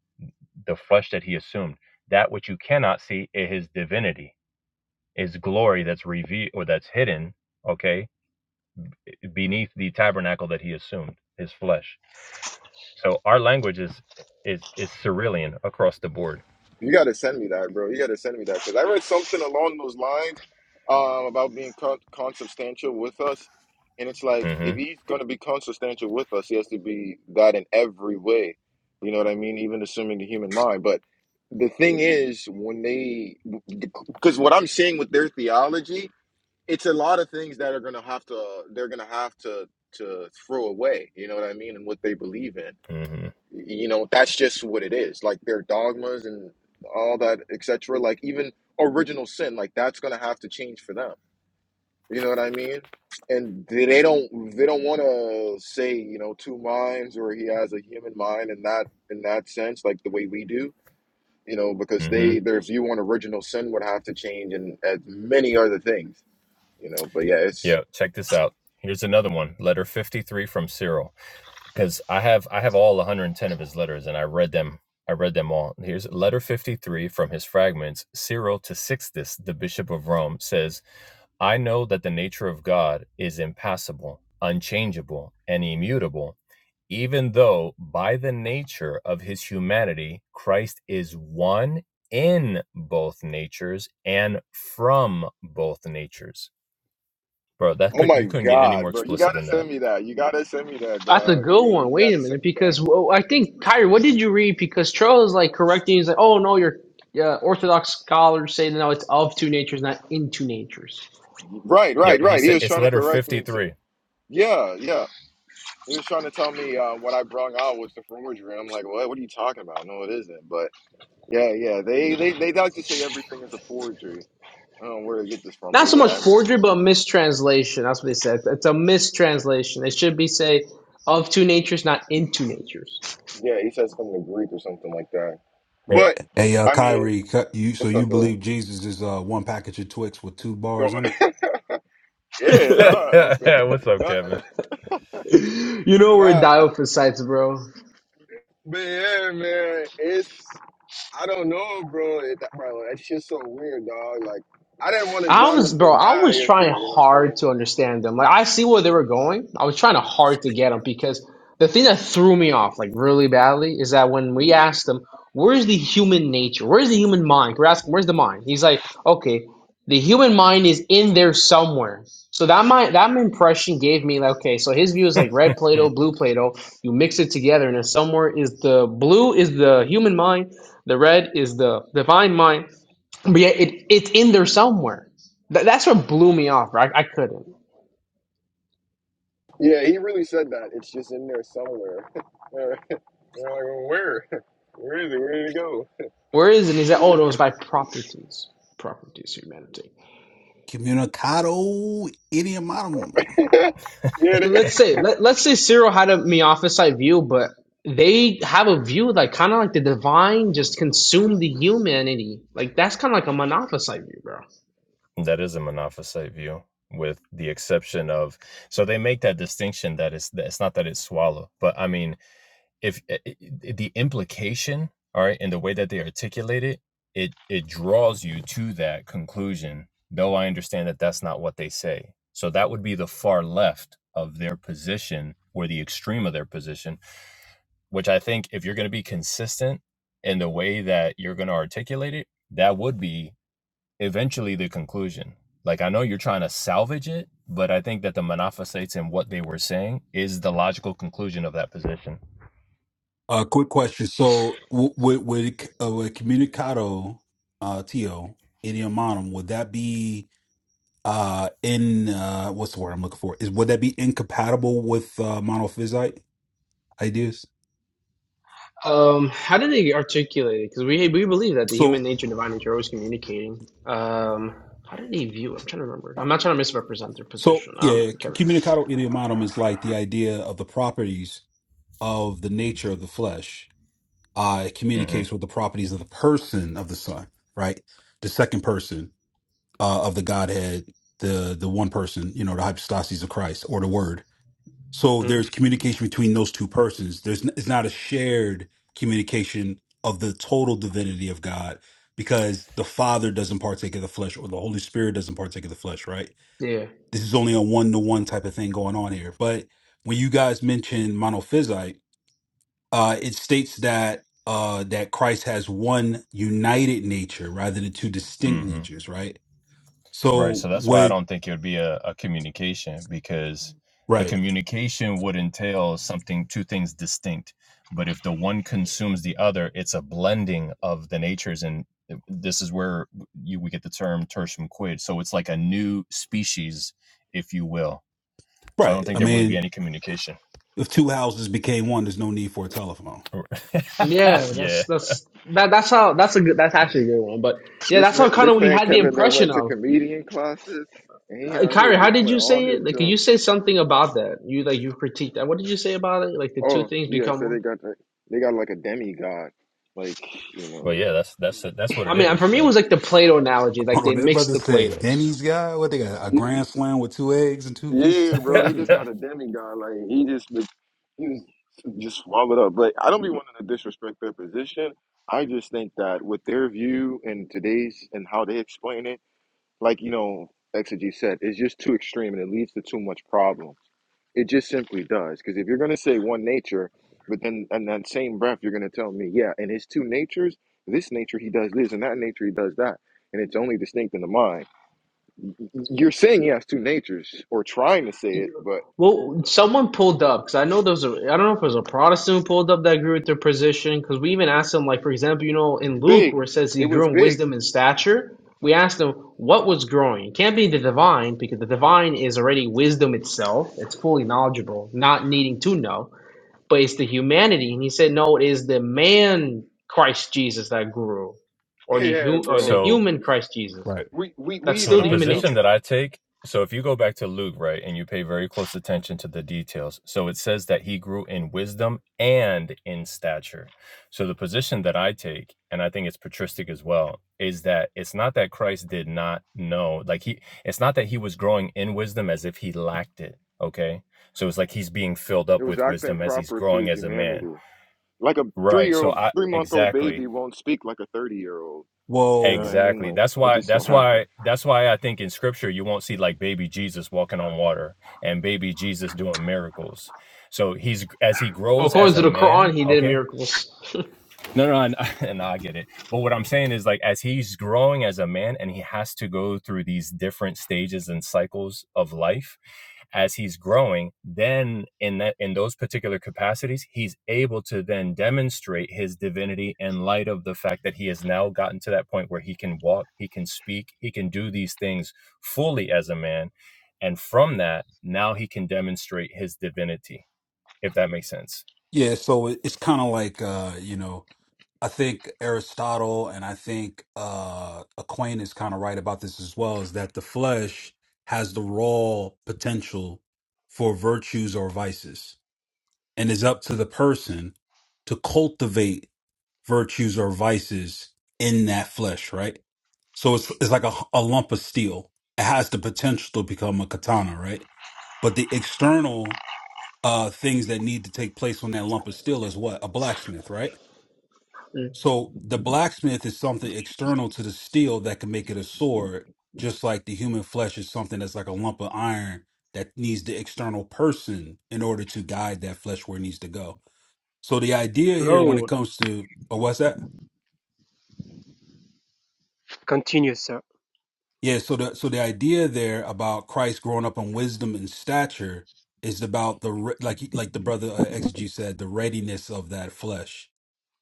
Speaker 3: the flesh that he assumed that which you cannot see is his divinity his glory that's revealed or that's hidden okay beneath the tabernacle that he assumed his flesh so our language is is is cerulean across the board
Speaker 1: You gotta send me that, bro. You gotta send me that because I read something along those lines um, about being con- consubstantial with us, and it's like if
Speaker 3: mm-hmm
Speaker 1: he's gonna be consubstantial with us, he has to be that in every way. You know what I mean? Even assuming the human mind. But the thing is, when they, because what I'm saying with their theology, it's a lot of things that are gonna have to, they're gonna have to to throw away. You know what I mean? And what they believe in
Speaker 3: mm-hmm
Speaker 1: you know that's just what it is like their dogmas and all that etc like even original sin like that's gonna have to change for them you know what i mean and they they don't they don't want to say you know two minds or he has a human mind in that in that sense like the way we do you know because
Speaker 3: mm-hmm
Speaker 1: they their view on original sin would have to change and as many other things you know but yeah it's
Speaker 3: yeah check this out here's another one letter 53 from cyril because I have I have all 110 of his letters and I read them I read them all. Here's letter 53 from his fragments. Cyril to Sixtus, the bishop of Rome, says, "I know that the nature of God is impassible, unchangeable, and immutable, even though by the nature of his humanity Christ is one in both natures and from both natures." Bro, that
Speaker 1: oh
Speaker 3: could
Speaker 1: my
Speaker 3: you couldn't get any more
Speaker 1: god bro you
Speaker 3: explicit
Speaker 1: gotta
Speaker 3: than that.
Speaker 1: send me that you gotta send me that
Speaker 2: That's a
Speaker 1: dog
Speaker 2: good
Speaker 1: yeah
Speaker 2: one.
Speaker 1: you
Speaker 2: Wait a
Speaker 1: gotta send
Speaker 2: minute,
Speaker 1: me that
Speaker 2: because well, I think Kyrie, what did you read? Because Charles is like correcting. He's like, "Oh no, your yeah, Orthodox scholars say no, it's of two natures, not into natures.
Speaker 1: Right,
Speaker 3: Yo,
Speaker 1: right,
Speaker 3: he
Speaker 1: right. He
Speaker 3: said
Speaker 1: was
Speaker 3: it's
Speaker 1: trying to
Speaker 3: letter
Speaker 1: correct me and
Speaker 3: 53.
Speaker 1: say, yeah, yeah. He was trying to tell me uh, what I brung out was the forgery. And I'm like, what? What are you talking about? No, it isn't. But yeah, yeah. They they they like to say everything is a forgery. I don't know where to get this from,
Speaker 2: Not
Speaker 1: but
Speaker 2: so
Speaker 1: yeah,
Speaker 2: much
Speaker 1: I mean,
Speaker 2: forgery, but mistranslation. That's what they said. It's a mistranslation. It should be say of two natures, not into natures.
Speaker 1: yeah. He says something in Greek or something like that.
Speaker 4: Hey,
Speaker 1: But
Speaker 4: hey, uh,
Speaker 1: I mean,
Speaker 4: Kyrie, cu- you so
Speaker 1: what's up,
Speaker 4: you
Speaker 1: bro?
Speaker 4: believe Jesus is uh one package of Twix with two
Speaker 1: Yo,
Speaker 4: bars in it?
Speaker 1: yeah, nah, I'm,
Speaker 3: What's up,
Speaker 1: nah,
Speaker 3: Kevin?
Speaker 2: you know where
Speaker 1: nah.
Speaker 2: Diophysite, bro.
Speaker 1: But yeah, man, it's I don't know, bro. It, that, bro, that shit's so weird, dog. Like, I didn't want to
Speaker 2: I
Speaker 1: John to
Speaker 2: was, bro,
Speaker 1: feel
Speaker 2: I
Speaker 1: bad
Speaker 2: was trying
Speaker 1: yesterday. You know what I'm
Speaker 2: hard
Speaker 1: saying?
Speaker 2: to understand them. Like, I see where they were going. I was trying to hard to get them because the thing that threw me off, like, really badly is that when we asked them, where's the human nature? Where's the human mind? We're asking, where's the mind? He's like, okay, the human mind is in there somewhere. So that my that impression gave me like okay, so his view is like red Play-Doh, blue Play-Doh. You mix it together, and then somewhere is the blue is the human mind, the red is the divine mind, but yeah, it it's in there somewhere. Th- that's what blew me off. Right? I couldn't.
Speaker 1: Yeah, he really said that. It's just in there somewhere. You're like, well, where? Where is it? Where did it go?
Speaker 2: Where is it? He said, oh, it was by properties, properties, humanity.
Speaker 4: Communicado idiomatum.
Speaker 1: yeah,
Speaker 2: But
Speaker 1: that-
Speaker 2: let's say let let's say Cyril had a Miaphysite view, but they have a view like kind of like the divine just consumed the humanity. Like that's kind of like a monophysite view, bro.
Speaker 3: that is a monophysite view, with the exception of so they make that distinction that it's that it's not that it's swallow, but I mean, if i- i- i- the implication, all right, in the way that they articulate it, it it draws you to that conclusion. Though I understand that that's not what they say, so that would be the far left of their position or the extreme of their position, which I think if you're going to be consistent in the way that you're going to articulate it, that would be eventually the conclusion. Like I know you're trying to salvage it, but I think that the Monophysites and what they were saying is the logical conclusion of that position.
Speaker 4: Uh, quick question. So, w- would would uh, would communicado uh to idiomatum would that be uh in uh what's the word I'm looking for? Is would that be incompatible with uh monophysite ideas?
Speaker 2: Um, how did they articulate it? Because we we believe that the human
Speaker 4: So,
Speaker 2: nature and divine nature are always communicating. Um, how did they view it? I'm trying to remember. I'm not trying to misrepresent their
Speaker 4: so
Speaker 2: position. Um,
Speaker 4: yeah, c-
Speaker 2: Kevin.
Speaker 4: communicado idiomatum is like the idea of the properties of the nature of the flesh uh, it
Speaker 3: hmm
Speaker 4: communicates with the properties of the person of the Son, right? The second person uh, of the Godhead, the the one person, you know, the hypostasis of Christ or the Word. So
Speaker 2: Mm,
Speaker 4: there's communication between those two persons. There's n- it's not a shared communication of the total divinity of God because the Father doesn't partake of the flesh or the Holy Spirit doesn't partake of the flesh, right?
Speaker 2: yeah.
Speaker 4: This is only a one to one type of thing going on here. But when you guys mention monophysite uh, it states that uh, that Christ has one united nature rather than two distinct
Speaker 3: hmm
Speaker 4: natures, right?
Speaker 3: Right.
Speaker 4: So
Speaker 3: So that's why I
Speaker 4: with
Speaker 3: don't think it would be a, a communication because the
Speaker 4: right,
Speaker 3: communication would entail something, two things distinct. But if the one consumes the other, it's a blending of the natures, and this is where you we get the term tertium quid. So it's like a new species, if you will. So I
Speaker 4: right.
Speaker 3: don't think
Speaker 4: I
Speaker 3: there would be
Speaker 4: mean,
Speaker 3: any communication.
Speaker 4: if two houses became one, there's no need for a telephone.
Speaker 2: Yeah,
Speaker 3: yeah.
Speaker 2: that's that's that that's how that's a good that's actually a good one. But yeah,
Speaker 1: This
Speaker 2: that's
Speaker 1: man,
Speaker 2: how kind of
Speaker 1: this
Speaker 2: we
Speaker 1: man
Speaker 2: had the
Speaker 1: Kevin then
Speaker 2: impression
Speaker 1: went to
Speaker 2: of.
Speaker 1: comedian classes, and he
Speaker 2: Uh,
Speaker 1: out here
Speaker 2: Kyrie, how did
Speaker 1: displaying
Speaker 2: you
Speaker 1: all
Speaker 2: say
Speaker 1: his
Speaker 2: it? Like, you
Speaker 1: drugs.
Speaker 2: say something about that? You like you critiqued that. What did you say about it? Like the two
Speaker 1: Oh
Speaker 2: things
Speaker 1: yeah,
Speaker 2: become
Speaker 1: so they
Speaker 2: one.
Speaker 1: got the, they got like a demigod, like you
Speaker 3: Well,
Speaker 1: know.
Speaker 3: yeah, that's that's that's what
Speaker 2: I
Speaker 3: it
Speaker 2: mean, for
Speaker 3: is.
Speaker 2: me, it was
Speaker 3: Yeah.
Speaker 2: like the Play-Doh analogy.
Speaker 4: I
Speaker 2: Like
Speaker 4: do
Speaker 2: they
Speaker 4: that
Speaker 2: mixed
Speaker 4: brother
Speaker 2: the
Speaker 4: said
Speaker 2: Play-Dohs.
Speaker 4: Denny's guy. What they got? A grand slam with two eggs and two pieces
Speaker 1: Yeah,
Speaker 4: of
Speaker 1: bro, they
Speaker 4: bacon.
Speaker 1: just got a demigod. Like he just be- he was just swallowed up. But I don't be wanting to disrespect their position. I just think that with their view and today's and how they explain it, like you know, Exegy said, it's just too extreme and it leads to too much problems. It just simply does. Because if you're gonna say one nature, but then in that same breath you're gonna tell me, yeah, and his two natures, this nature he does this and that nature he does that. And it's only distinct in the mind. You're saying he has two natures, or trying to say it, but
Speaker 2: Well, someone pulled up because I know there was a. I don't know if it was a Protestant who pulled up that agreed with their position because we even asked them, like for example, you know, in Luke
Speaker 1: Big.
Speaker 2: where it says
Speaker 1: It
Speaker 2: he grew
Speaker 1: was
Speaker 2: in
Speaker 1: big.
Speaker 2: wisdom and stature. We asked them what was growing. It can't be the divine because the divine is already wisdom itself. It's fully knowledgeable, not needing to know. But it's the humanity, and he said, no, it is the man Christ Jesus that grew, or the
Speaker 1: Yeah,
Speaker 2: hu- or
Speaker 1: bro.
Speaker 2: the
Speaker 3: So
Speaker 2: human Christ Jesus.
Speaker 1: We we, we
Speaker 2: That's
Speaker 3: so
Speaker 1: even
Speaker 2: still
Speaker 3: the
Speaker 2: the
Speaker 1: asked
Speaker 2: human
Speaker 1: him.
Speaker 3: position
Speaker 2: nature.
Speaker 3: that I take, so if you go back to Luke, right, and you pay very close attention to the details. So it says that he grew in wisdom and in stature. So the position that I take, and I think it's patristic as well, is that it's not that Christ did not know, like he it's not that he was growing in wisdom as if he lacked it, okay? So it's like he's being filled
Speaker 1: It
Speaker 3: up
Speaker 1: was
Speaker 3: with
Speaker 1: acting
Speaker 3: wisdom as he's
Speaker 1: proper to
Speaker 3: growing
Speaker 1: his
Speaker 3: as a man.
Speaker 1: humanity. Like a three
Speaker 3: Right.
Speaker 1: year
Speaker 3: So
Speaker 1: old,
Speaker 3: I
Speaker 1: three month old
Speaker 3: exactly
Speaker 1: baby won't speak like a thirty year old. You know what
Speaker 4: Well,
Speaker 1: I mean?
Speaker 3: Exactly.
Speaker 1: Like
Speaker 3: That's
Speaker 1: it
Speaker 3: why
Speaker 1: just won't
Speaker 3: that's
Speaker 1: happen.
Speaker 3: why that's why I think in scripture you won't see like baby Jesus walking on water and baby Jesus doing miracles. So he's as he grows
Speaker 2: According
Speaker 3: as
Speaker 2: to
Speaker 3: a
Speaker 2: the
Speaker 3: man,
Speaker 2: Quran, he did
Speaker 3: okay?
Speaker 2: miracles.
Speaker 3: No, no, and, and I get it. But what I'm saying is, like, as he's growing as a man and he has to go through these different stages and cycles of life, as he's growing, then in that in those particular capacities, he's able to then demonstrate his divinity in light of the fact that he has now gotten to that point where he can walk, he can speak, he can do these things fully as a man. And from that, now he can demonstrate his divinity, if that makes sense.
Speaker 4: yeah. So it, it's kind of like uh, you know I think Aristotle and I think uh, Aquinas kind of right about this as well is that the flesh has the raw potential for virtues or vices, and is up to the person to cultivate virtues or vices in that flesh, right? So it's it's like a, a lump of steel. It has the potential to become a katana, right? But the external uh, things that need to take place on that lump of steel is what a blacksmith, right? So the blacksmith is something external to the steel that can make it a sword, just like the human flesh is something that's like a lump of iron that needs the external person in order to guide that flesh where it needs to go. So the idea here when it
Speaker 5: Hello.
Speaker 4: comes to oh what's that?
Speaker 5: Continue, sir.
Speaker 4: Yeah, so the so the idea there about Christ growing up in wisdom and stature is about the re- like like the brother uh, exegy said the readiness of that flesh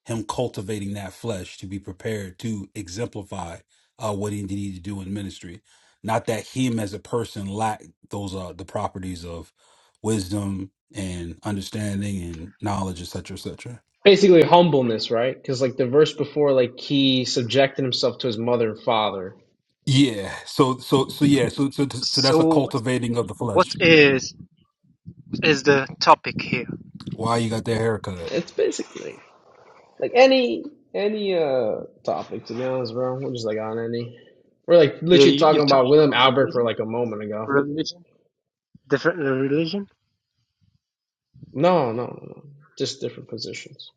Speaker 4: him cultivating that flesh to be prepared to exemplify uh, what he needed to do in ministry. Not that him as a person lacked those uh, the properties of wisdom and understanding and knowledge, etc., cetera, etc. Cetera.
Speaker 2: Basically humbleness, right? Because like the verse before, like he subjected himself to his mother and father.
Speaker 4: Yeah. So so so yeah. So so so
Speaker 5: So,
Speaker 4: that's a
Speaker 5: what,
Speaker 4: cultivating of the
Speaker 5: what
Speaker 4: flesh.
Speaker 5: is is the topic here?
Speaker 4: Why you got that haircut?
Speaker 2: It's basically like any any uh topic to be honest, bro. We're just like on any. We're like
Speaker 5: You
Speaker 2: literally
Speaker 5: you-
Speaker 2: talking
Speaker 5: you're
Speaker 2: about
Speaker 5: talking
Speaker 2: William
Speaker 5: about
Speaker 2: Albert for
Speaker 5: religion,
Speaker 2: like a moment ago.
Speaker 5: religion, different uh, religion.
Speaker 2: No, no, no, no. Just different positions.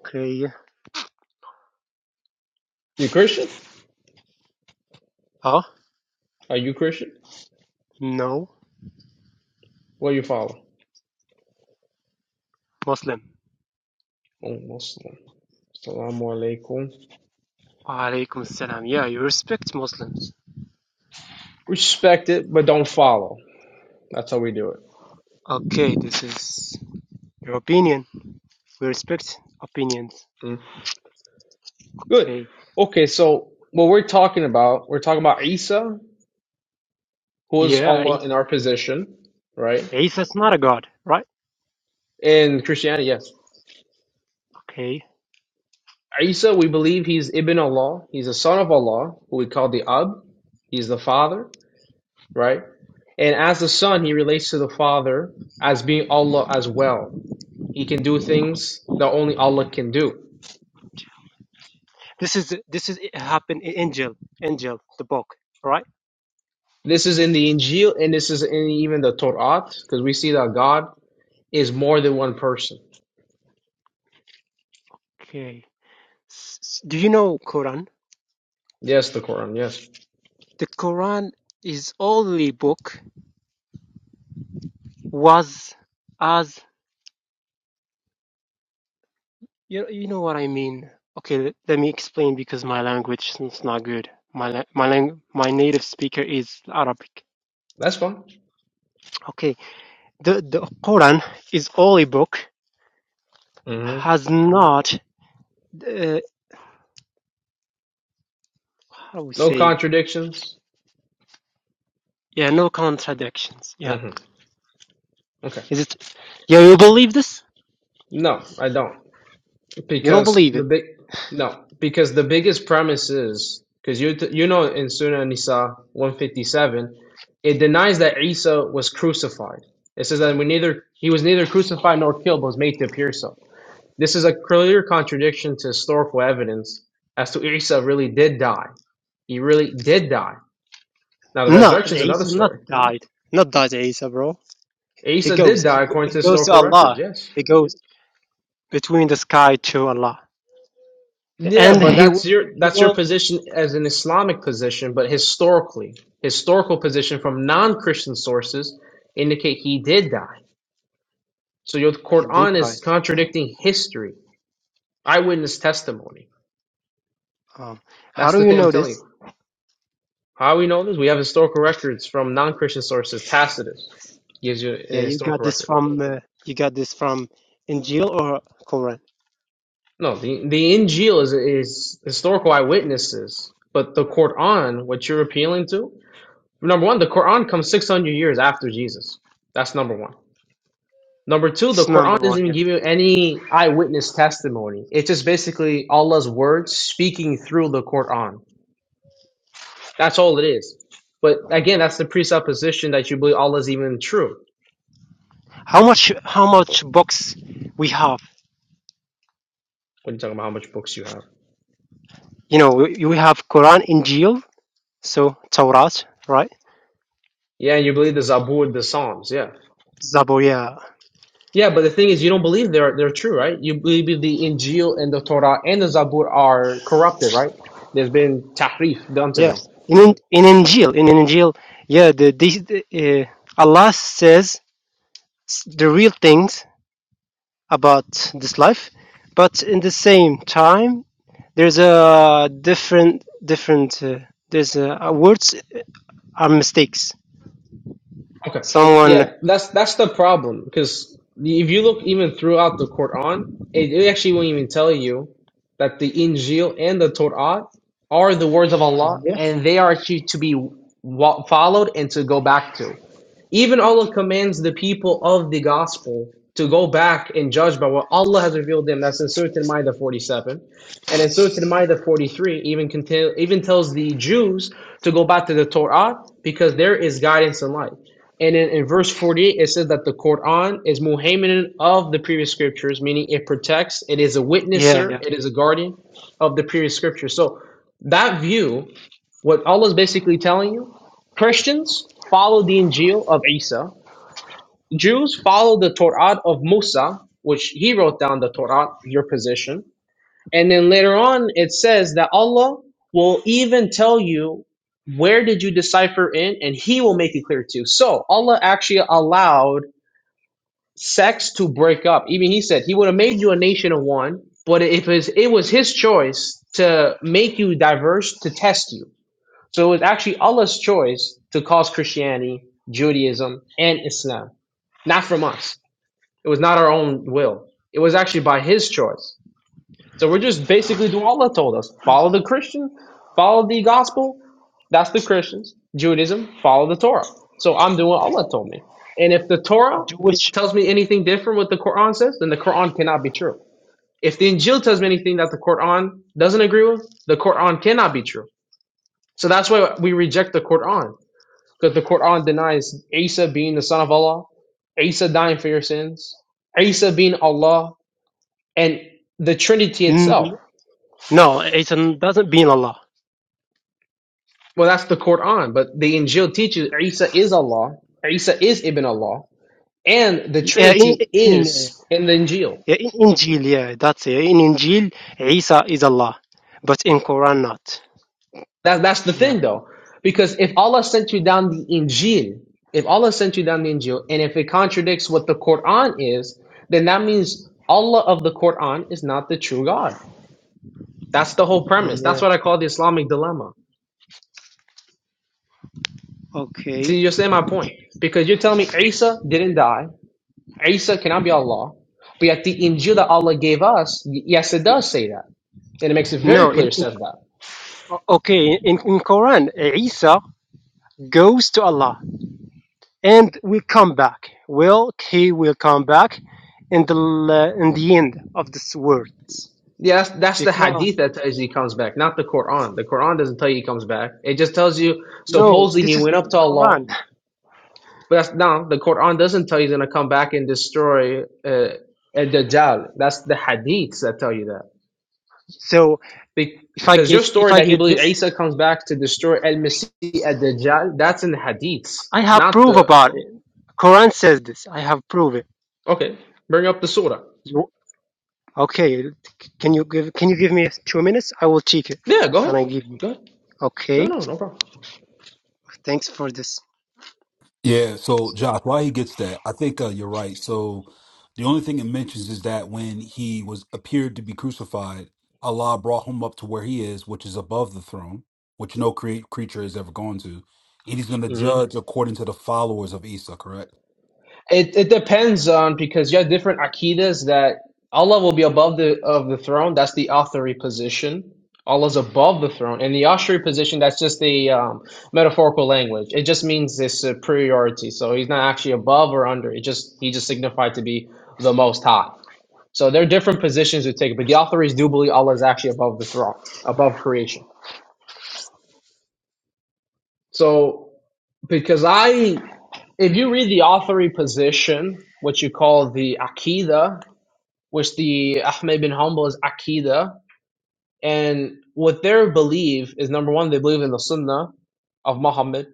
Speaker 5: Okay.
Speaker 2: You Christian?
Speaker 5: Ah,
Speaker 2: Are you Christian?
Speaker 5: no,
Speaker 2: What do you follow?
Speaker 5: Muslim.
Speaker 2: Oh, Muslim. Salamu alaikum.
Speaker 5: Alaikum salam. Yeah, you respect Muslims.
Speaker 2: Respect it, but don't follow. That's how we do it.
Speaker 5: Okay, this is your opinion. We respect opinions.
Speaker 2: Mm. Good.
Speaker 5: Okay.
Speaker 2: Okay, so what we're talking about, we're talking about Isa, who is
Speaker 5: Yeah,
Speaker 2: Allah in
Speaker 5: Isa-
Speaker 2: our position, right?
Speaker 5: Isa's not a god, right?
Speaker 2: In Christianity, yes.
Speaker 5: Okay.
Speaker 2: Isa, we believe he's Ibn Allah. He's a son of Allah, who we call the Ab. He's the father, right? And as the son, he relates to the father as being Allah as well. He can do things that only Allah can do.
Speaker 5: This is this is it happened in Angel, Angel, the book, right?
Speaker 2: This is in the Injil and this is in even the Torah, because we see that God is more than one person.
Speaker 5: Okay. S- Do you know Quran?
Speaker 2: Yes, the Quran, yes.
Speaker 5: The Quran is only book was as you you know what I mean. Okay, let, let me explain because my language is not good. My la- my lang- my native speaker is Arabic.
Speaker 2: That's fine.
Speaker 5: Okay, the the Quran is only book
Speaker 2: hmm
Speaker 5: has not uh, how we
Speaker 2: No
Speaker 5: say it.
Speaker 2: contradictions.
Speaker 5: Yeah, no contradictions. Yeah,
Speaker 2: hmm Okay.
Speaker 5: is it? Yeah, you believe this?
Speaker 2: No, I don't,
Speaker 5: You don't
Speaker 2: because
Speaker 5: believe
Speaker 2: the
Speaker 5: it?
Speaker 2: big no, because the biggest premise is because you you know in Surah Nisa one fifty seven, it denies that Isa was crucified. It says that we neither he was neither crucified nor killed, but was made to appear so. This is a clear contradiction to historical evidence as to Isa really did die. He really did die. Now the
Speaker 5: No,
Speaker 2: resurrection is another
Speaker 5: Isa not
Speaker 2: story.
Speaker 5: died. Not died, Isa, bro. He
Speaker 2: Isa
Speaker 5: goes,
Speaker 2: did die
Speaker 5: he,
Speaker 2: according to
Speaker 5: he goes to
Speaker 2: historical records.
Speaker 5: Allah.
Speaker 2: Yes.
Speaker 5: He goes between the sky to Allah,
Speaker 2: Yeah,
Speaker 5: and
Speaker 2: but
Speaker 5: he
Speaker 2: that's
Speaker 5: will,
Speaker 2: your
Speaker 5: he
Speaker 2: that's your
Speaker 5: will,
Speaker 2: position as an Islamic position, but historically, historical position from non-Christian sources indicate he did die. So your
Speaker 5: he did
Speaker 2: Quran
Speaker 5: die.
Speaker 2: is contradicting history, eyewitness testimony.
Speaker 5: Um, how
Speaker 2: That's
Speaker 5: do
Speaker 2: the
Speaker 5: you
Speaker 2: thing I'm
Speaker 5: know
Speaker 2: telling
Speaker 5: this?
Speaker 2: you. How we know this? We have historical records from non-Christian sources. Tacitus gives you
Speaker 5: Yeah,
Speaker 2: an
Speaker 5: you got
Speaker 2: historical
Speaker 5: this
Speaker 2: record.
Speaker 5: from, uh, you got this from Injil or Quran.
Speaker 2: No, the the Injil is is historical eyewitnesses, but the Quran, what you're appealing to, Number one, the Quran comes 600 years after Jesus. That's number one. Number two,
Speaker 5: This
Speaker 2: the
Speaker 5: is
Speaker 2: Quran
Speaker 5: number
Speaker 2: doesn't
Speaker 5: one.
Speaker 2: even
Speaker 5: Yeah.
Speaker 2: give you any eyewitness testimony. It's just basically Allah's words speaking through the Quran. That's all it is. But again, that's the presupposition that you believe Allah is even true
Speaker 5: How much, how much books we have?
Speaker 2: when you're talking about how much books you have.
Speaker 5: You know, we, we have Quran, Injil, so Torah, right?
Speaker 2: Yeah, and you believe the Zabur, the Psalms. Yeah.
Speaker 5: Zabur, yeah,
Speaker 2: Yeah, but the thing is, you don't believe they're, they're true, right? You believe the Injil and the Torah and the Zabur are corrupted, right? There's been tahrif done to
Speaker 5: yeah.
Speaker 2: them.
Speaker 5: In in in Injil, in Injil, yeah. The, the, the uh, Allah says s- the real things about this life but in the same time there's a different different uh, there's a, uh, words are mistakes
Speaker 2: Okay.
Speaker 5: someone
Speaker 2: Yeah, that's that's the problem because if you look even throughout the Quran, it, it actually won't even tell you that the Injil and the Torah are the words of Allah
Speaker 5: yeah
Speaker 2: and they are actually to be wa- followed and to go back to. Even Allah commands the people of the gospel to go back and judge by what Allah has revealed them. That's in Surah Al-Maidah 47. And in Surah Al-Maidah 43, even, contain, even tells the Jews to go back to the Torah because there is guidance and light. And in, in verse 48, it says that the Quran is muhaimin of the previous scriptures, meaning it protects, it is a
Speaker 5: yeah
Speaker 2: witnesser,
Speaker 5: yeah
Speaker 2: it is a guardian of the previous scriptures. So that view what Allah is basically telling you Christians follow the Injil of Isa, Jews follow the Torah of Musa, which he wrote down the Torah, your position. And then later on, it says that Allah will even tell you where did you decipher in, and He will make it clear to you. So Allah actually allowed sex to break up. Even He said He would have made you a nation of one, but if it was, it was His choice to make you diverse to test you. So it was actually Allah's choice to cause Christianity, Judaism, and Islam, not from us. It was not our own will. It was actually by His choice. So we're just basically do Allah told us: follow the Christian, follow the gospel. That's the Christians. Judaism, follow the Torah. So I'm doing what Allah told me. And if the Torah
Speaker 5: jewish
Speaker 2: tells me anything different what the Quran says, then the Quran cannot be true. If the Injil tells me anything that the Quran doesn't agree with, the Quran cannot be true. So that's why we reject the Quran because the Quran denies Isa being the son of Allah, Isa dying for your sins, Isa being Allah, and the Trinity itself.
Speaker 5: mm, no it doesn't mean allah
Speaker 2: Well, that's the Quran, but the Injil teaches Isa is Allah, Isa is Ibn Allah, and the
Speaker 5: yeah in,
Speaker 2: Trinity
Speaker 5: in, uh,
Speaker 2: is in the Injil.
Speaker 5: yeah, in injil yeah that's it in injil isa is allah but in quran not
Speaker 2: That, that's the
Speaker 5: yeah
Speaker 2: thing, though, because if Allah sent you down the Injil, if Allah sent you down the Injil, and if it contradicts what the Quran is, then that means Allah of the Quran is not the true God. That's the whole premise. That's
Speaker 5: yeah
Speaker 2: what I call the Islamic dilemma.
Speaker 5: okay
Speaker 2: See, you're saying my point. Because you're telling me Isa didn't die. Isa cannot be Allah. But yet the Injil that Allah gave us, y- yes, it does say that. And it makes it very
Speaker 5: no
Speaker 2: clear
Speaker 5: in,
Speaker 2: it
Speaker 5: in
Speaker 2: says that.
Speaker 5: o- okay in, in quran isa goes to allah and will come back. Will he will come back in the l- in the end of this words
Speaker 2: Yeah, that's, that's the
Speaker 5: because
Speaker 2: hadith that tells you he comes back, not the Quran. The Quran doesn't tell you he comes back. It just tells you
Speaker 5: no,
Speaker 2: supposedly he
Speaker 5: this is
Speaker 2: went up
Speaker 5: in
Speaker 2: to Allah.
Speaker 5: Quran.
Speaker 2: But that's no, the Quran doesn't tell you he's going to come back and destroy uh, Dajjal. That's the hadiths that tell you that.
Speaker 5: So if I
Speaker 2: Because your
Speaker 5: get if
Speaker 2: story
Speaker 5: I
Speaker 2: that he
Speaker 5: get
Speaker 2: believes
Speaker 5: this,
Speaker 2: Isa comes back to destroy al Masih at Dajjal, that's in the hadiths,
Speaker 5: I have
Speaker 2: not
Speaker 5: proof
Speaker 2: the.
Speaker 5: about it. Quran says this. I have proof it.
Speaker 2: Okay, bring up the surah.
Speaker 5: You, okay? Can you give Can you give me two minutes? I will check it,
Speaker 2: Yeah, go
Speaker 5: and
Speaker 2: ahead.
Speaker 5: I give you.
Speaker 2: Go ahead. No,
Speaker 5: Okay.
Speaker 2: no, no problem.
Speaker 5: Thanks for this.
Speaker 4: Yeah, so Josh, why he gets that? I think uh, you're right. So the only thing it mentions is that when he was appeared to be crucified, Allah brought him up to where he is, which is above the throne, which no cre- creature has ever gone to, and he's going to
Speaker 2: hmm
Speaker 4: judge according to the followers of Isa. Correct?
Speaker 2: It it depends on because you have different akidas that Allah will be above the of the throne. That's the authority position. Allah's above the throne, and the Ashri position that's just the um, metaphorical language. It just means this superiority. So he's not actually above or under. It just he just signified to be the most high. So there are different positions we take, but the authorities do believe Allah is actually above the throne, above creation. So because I if you read the authority position, what you call the Akida, which the Ahmed bin Hanbal is Akida, and what their belief is number one, they believe in the Sunnah of Muhammad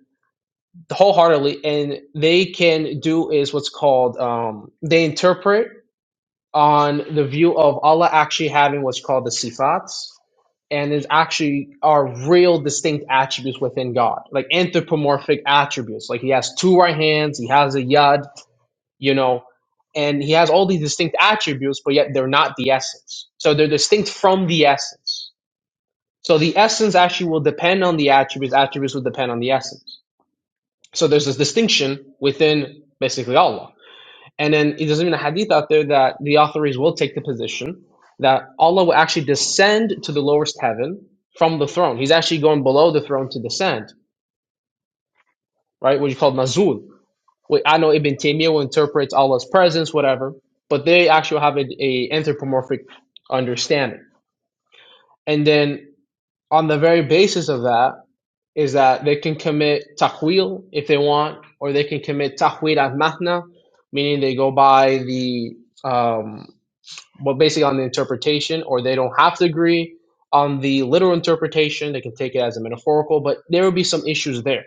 Speaker 2: wholeheartedly, and they can do is what's called um, they interpret. on the view of Allah actually having what's called the sifats, and is actually are real distinct attributes within God, like anthropomorphic attributes. Like he has two right hands, he has a yad, you know, and he has all these distinct attributes, but yet they're not the essence. So they're distinct from the essence. So the essence actually will depend on the attributes, attributes will depend on the essence. So there's this distinction within basically Allah. And then there's even a hadith out there that the authorities will take the position that Allah will actually descend to the lowest heaven from the throne. He's actually going below the throne to descend, right? What you call nazul. Wait, I know Ibn Taymiyyah will interpret Allah's presence, whatever, but they actually have a, a anthropomorphic understanding. And then on the very basis of that is that they can commit taqwil if they want, or they can commit tahwil al-mahna, meaning they go by the um, Well, basically on the interpretation, or they don't have to agree on the literal interpretation. They can take it as a metaphorical, but there would be some issues there.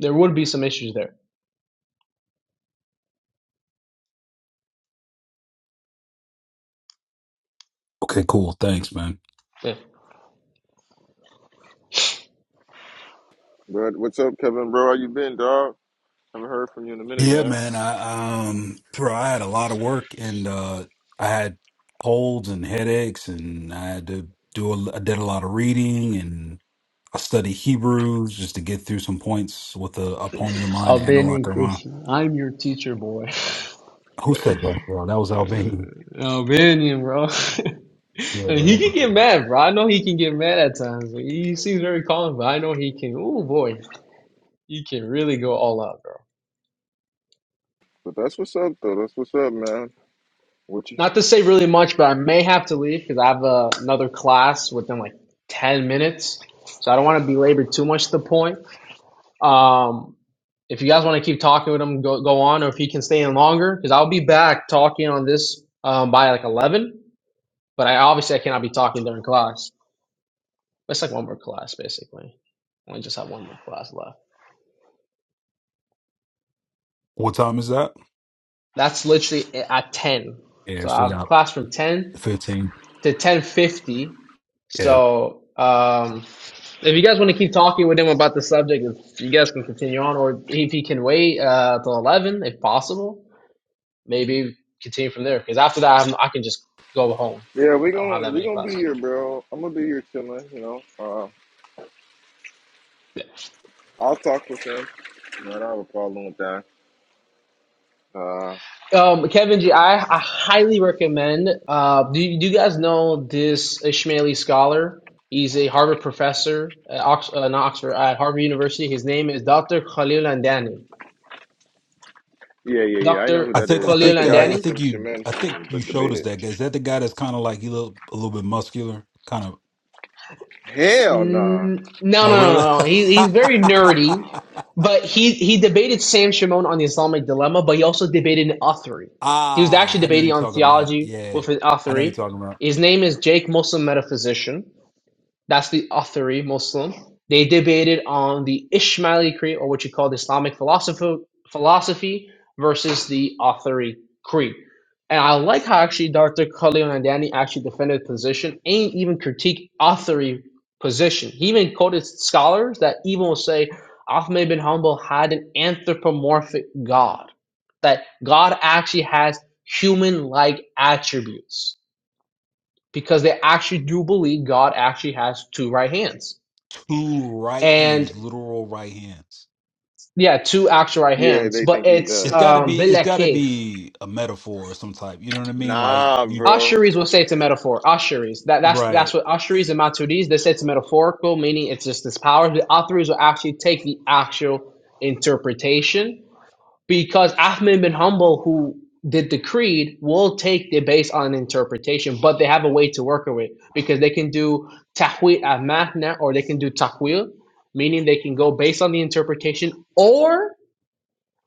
Speaker 2: There would be some issues there.
Speaker 4: Okay, cool. Thanks, man.
Speaker 2: Yeah.
Speaker 1: But what's up, Kevin, bro? How you been, dog? Haven't heard from you in a minute,
Speaker 4: Yeah,
Speaker 1: man.
Speaker 4: man. I um, bro, I had a lot of work, and uh, I had colds and headaches, and I had to do. A, I did a lot of reading, I study Hebrews just to get through some points with a opponent of mine, an
Speaker 2: Albanian
Speaker 4: interlocker of mine.
Speaker 2: Christian. I'm your teacher, boy.
Speaker 4: Who said that, bro? That was Albanian.
Speaker 2: Albanian, bro.
Speaker 4: Yeah, bro.
Speaker 2: he
Speaker 4: That
Speaker 2: can get
Speaker 4: bro.
Speaker 2: mad, bro. I know he can get mad at times. He seems very calm, but I know he can. Oh boy, he can really go all out, bro.
Speaker 1: But that's what's up, though. That's what's up, man. What you?
Speaker 2: Not to say really much, but I may have to leave because I have uh, another class within like 10 minutes. So I don't want to belabor too much the point. Um, if you guys want to keep talking with him, go, go on, or if he can stay in longer, because I'll be back talking on this um, by like 11. But I obviously I cannot be talking during class. It's like one more class, basically. I only just have one more class left.
Speaker 4: What time is that?
Speaker 2: That's literally at 10.
Speaker 4: Yeah,
Speaker 2: So I
Speaker 4: so you
Speaker 2: have
Speaker 4: got
Speaker 2: class from 10
Speaker 4: fifteen.
Speaker 2: to 10.50.
Speaker 4: Yeah.
Speaker 2: So um, If you guys want to keep talking with him about the subject, if you guys can continue on, or if he can wait uh, till eleven, if possible, maybe continue from there. Because after that, I'm, I can just go home.
Speaker 1: Yeah, we
Speaker 2: I don't have
Speaker 1: gonna
Speaker 2: that
Speaker 1: we
Speaker 2: many
Speaker 1: gonna be
Speaker 2: classes.
Speaker 1: here, bro. I'm gonna be here chilling. You know, uh, I'll talk with him. You know, I don't have a problem with that. Uh.
Speaker 2: Um, Kevin G, I, I highly recommend. Uh, do, you- do you guys know this Ishmaeli scholar? He's a Harvard professor at Ox- uh, not Oxford at Harvard University. His name is Dr. Khalil Andani.
Speaker 1: Yeah, yeah, yeah. I know
Speaker 2: Dr.
Speaker 1: who
Speaker 4: I
Speaker 1: that
Speaker 4: think I
Speaker 1: is. That's
Speaker 2: Khalil
Speaker 4: think
Speaker 1: the guy
Speaker 4: uh I
Speaker 1: who's
Speaker 2: Andani.
Speaker 4: think
Speaker 1: some
Speaker 4: you
Speaker 1: Shaman
Speaker 4: I think
Speaker 1: Shaman
Speaker 4: you
Speaker 1: but
Speaker 4: showed us
Speaker 1: debated.
Speaker 4: that guy. Is that the guy that's kinda like he look a little bit muscular? Kind of
Speaker 1: Hell nah.
Speaker 2: N- No,
Speaker 4: no
Speaker 2: no,
Speaker 4: really?
Speaker 2: no, no. He, he's very nerdy, but he, he debated Sam Shimon on the Islamic dilemma, but he also debated an author. He was actually
Speaker 4: ah, I know who
Speaker 2: debating
Speaker 4: you're
Speaker 2: on
Speaker 4: talking about.
Speaker 2: theology
Speaker 4: Yeah.
Speaker 2: with an
Speaker 4: I know who
Speaker 2: author.
Speaker 4: you're talking about.
Speaker 2: His name is Jake Muslim Metaphysician that's the Athari Muslim. They debated on the Ismaili creed, or what you call the Islamic philosophy, philosophy versus the Athari creed. And I like how actually Dr. Khalil Nandani actually defended the position and even critiqued Athari position. He even quoted scholars that even will say Ahmed bin Hanbal had an anthropomorphic God, that God actually has human like attributes because they actually do believe God actually has two right hands.
Speaker 4: Two right hands,
Speaker 2: And
Speaker 4: literal right hands.
Speaker 2: yeah, two actual right
Speaker 1: Yeah,
Speaker 2: hands.
Speaker 1: they
Speaker 2: But
Speaker 1: think he
Speaker 2: it's
Speaker 4: it's
Speaker 1: does,
Speaker 4: got to
Speaker 2: um
Speaker 4: be
Speaker 1: bro.
Speaker 4: it's got to
Speaker 2: bilakif.
Speaker 4: be a metaphor or some type you know what i mean like
Speaker 1: Nah,
Speaker 4: you
Speaker 1: bro.
Speaker 2: Asheris will say it's a metaphor. Asheris. That that's that's
Speaker 4: right
Speaker 2: what Asheris and Maturidis they say it's metaphorical, meaning it's just this power. The authors will actually take the actual interpretation because Ahmed bin Humble, who did the creed, will take the base on interpretation, but they have a way to work with because they can do tahwil al mahna or they can do takwil, meaning they can go based on the interpretation, or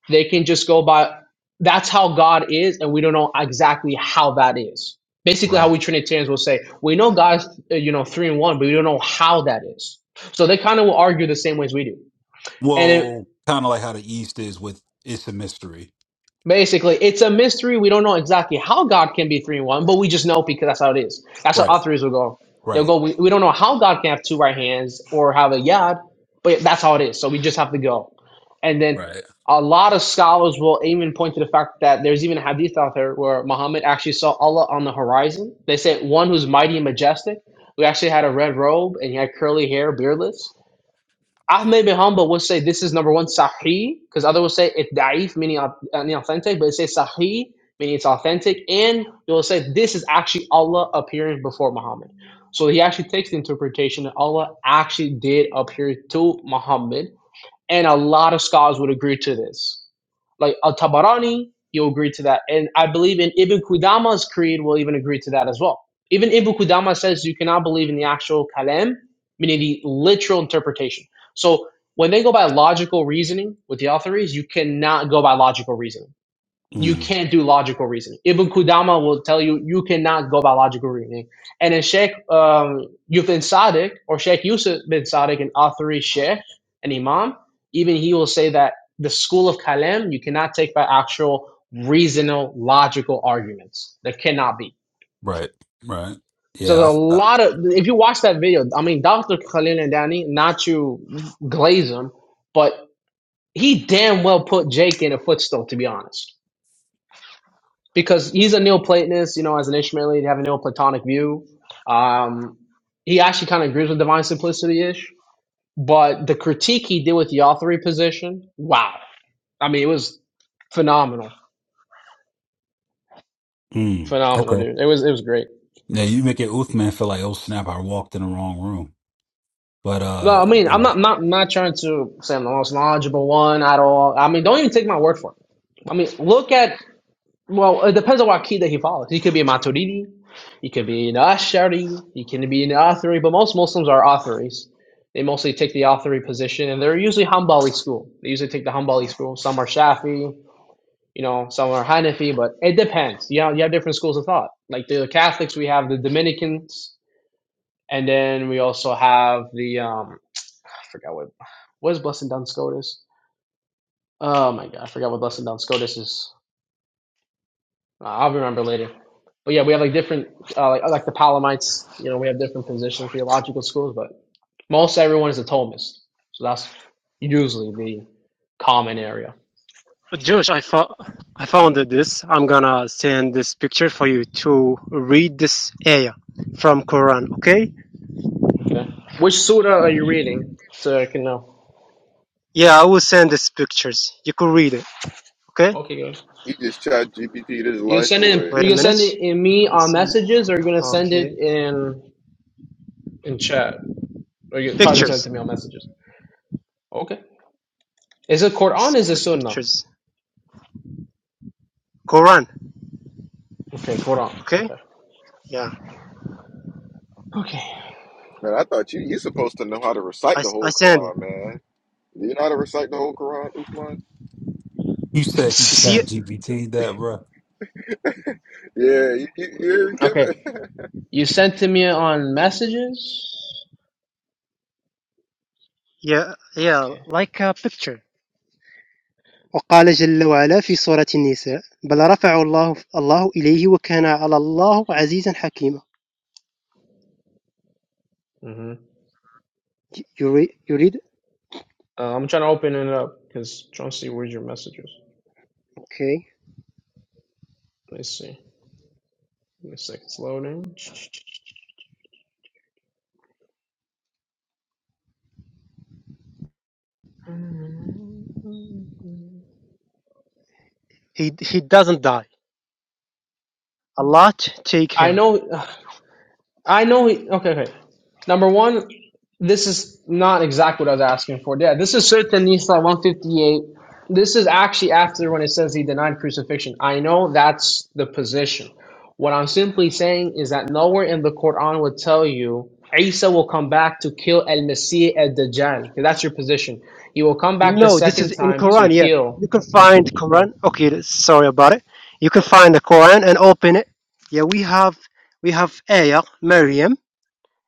Speaker 2: they can just go by that's how God is, and we don't know exactly how that is. Basically, how we
Speaker 4: right
Speaker 2: Trinitarians will say we know God's uh, you know three and one, but we don't know how that is. So they kind of will argue the same ways we do, and it,
Speaker 4: well kind of like how the east is with it's a mystery
Speaker 2: Basically, it's a mystery. We don't know exactly how God can be three in one, but we just know because that's how it is. That's how
Speaker 4: right
Speaker 2: authors will go. They'll
Speaker 4: right
Speaker 2: go, we, we don't know how God can have two right hands or have a yad, but that's how it is. So we just have to go. And then
Speaker 4: right
Speaker 2: a lot of scholars will even point to the fact that there's even a hadith out there where Muhammad actually saw Allah on the horizon. They say one who's mighty and majestic, who actually had a red robe and he had curly hair, beardless. Ahmed bin Hanbal will say this is number one sahih, because others will say it's da'if, meaning au- inauthentic, but it says sahih, meaning it's authentic, and they will say this is actually Allah appearing before Muhammad. So he actually takes the interpretation that Allah actually did appear to Muhammad and a lot of scholars would agree to this. Like Al Tabarani, you'll agree to that. And I believe in Ibn Qudama's creed will even agree to that as well. Even Ibn Qudama says you cannot believe in the actual kalam, meaning the literal interpretation. So when they go by logical reasoning with the authorities, you cannot go by logical reasoning you
Speaker 4: mm,
Speaker 2: can't do logical reasoning. Ibn Qudama will tell you you cannot go by logical reasoning. And in Sheikh um, Yusuf bin Sadiq or Sheikh Yusuf bin Sadiq, an authority Sheikh, an Imam, even he will say that the school of Kalam you cannot take by actual reasonable, logical arguments. There cannot be.
Speaker 4: right right
Speaker 2: So there's
Speaker 4: yeah
Speaker 2: a
Speaker 4: I, I,
Speaker 2: lot of if you watch that video, I mean Dr. Khalil and Danny, not to glaze him, but he damn well put Jake in a footstool, to be honest because he's a Neoplatonist, you know, as an Ishmaelite, you have a Neoplatonic view. Um, he actually kind of agrees with divine simplicity ish, but the critique he did with the authority position, wow. I mean, it was phenomenal,
Speaker 4: mm,
Speaker 2: phenomenal,
Speaker 4: okay
Speaker 2: dude. It was it was great.
Speaker 4: now you make it uthman feel like oh snap i walked in the wrong room but
Speaker 2: No,
Speaker 4: uh
Speaker 2: I mean,
Speaker 4: you
Speaker 2: I'm
Speaker 4: know
Speaker 2: not not not trying to say I'm the most knowledgeable one at all. I mean, don't even take my word for it. I mean, look at Well, it depends on what key that he follows. He could be a Maturidi, he could be an Ash'ari, he can be an Athari, but most Muslims are Atharis. They mostly take the Athari position, and they're usually Hanbali school. They usually take the Hanbali school. Some are Shafi, you know, some are Hanafi, but it depends. You know, you have different schools of thought. Like the Catholics, we have the Dominicans, and then we also have the, um, I forgot what, what is Blessed Duns Scotus? Oh my God, I forgot what Blessed Duns Scotus is. Uh, I'll remember later. But yeah, we have like different, uh, like, like the Palamites, you know, we have different positions, theological schools, but most everyone is a Thomist. So that's usually the common area.
Speaker 5: Josh, I, fo- I found this. I'm gonna send this picture for you to read this ayah from Quran, okay?
Speaker 2: Okay. Which surah are you reading so I can know?
Speaker 5: Yeah, I will send these pictures. You could read it, okay?
Speaker 2: Okay, guys,
Speaker 1: He just chat GPT'd his
Speaker 2: You can
Speaker 1: life
Speaker 2: send it,
Speaker 1: away.
Speaker 5: Wait a
Speaker 2: you can send
Speaker 5: minute.
Speaker 2: it in
Speaker 5: I
Speaker 2: me
Speaker 5: will
Speaker 2: on
Speaker 5: send.
Speaker 2: messages or you're going to send it
Speaker 5: Okay,
Speaker 2: in in chat or you're probably going to send it to
Speaker 5: pictures,
Speaker 2: me on messages. Okay. Is it
Speaker 5: S-
Speaker 2: Quran? Is it
Speaker 5: p-
Speaker 2: Sunnah?
Speaker 5: pictures. Quran,
Speaker 2: Okay, Quran.
Speaker 5: okay?
Speaker 2: Okay.
Speaker 5: Yeah,
Speaker 1: Man, I thought you you supposed to know how to
Speaker 5: I I
Speaker 1: recite the whole
Speaker 5: send it.
Speaker 1: Quran, man. Do you know how to recite the whole Quran, Usman?
Speaker 4: you said he
Speaker 5: You see
Speaker 4: chat
Speaker 2: Okay.
Speaker 5: it?
Speaker 4: gpt that bro
Speaker 1: Yeah, you, you, you give
Speaker 2: okay.
Speaker 1: it.
Speaker 2: You sent to me on messages?
Speaker 5: Yeah, yeah,
Speaker 2: Okay.
Speaker 5: like a picture. وقال جل وعلا في سورة النساء بل رفعه الله الله إليه وكان على الله عزيزا حكيما.
Speaker 2: Mm-hmm.
Speaker 5: You you read, you read
Speaker 2: Uh, I'm trying to open it up because trying to see where's your messages.
Speaker 5: Okay,
Speaker 2: Let us see. Give me a second. It's loading.
Speaker 5: he he doesn't die. Allah t- take
Speaker 2: I
Speaker 5: him.
Speaker 2: know. I know he. Okay, okay. Number one, this is not exactly what I was asking for. Yeah, this is certain Nisa 158. This is actually after when it says he denied crucifixion. I know that's the position. What I'm simply saying is that nowhere in the Quran would tell you Isa will come back to kill El Masih El Dajjal. 'cause That's your position. He will come back the
Speaker 5: No, this is
Speaker 2: second
Speaker 5: in
Speaker 2: time to
Speaker 5: Quran. Yeah,
Speaker 2: kill.
Speaker 5: you can find Quran. Okay, sorry about it. You can find the Quran and open it. Yeah, we have we have Ayah, Maryam,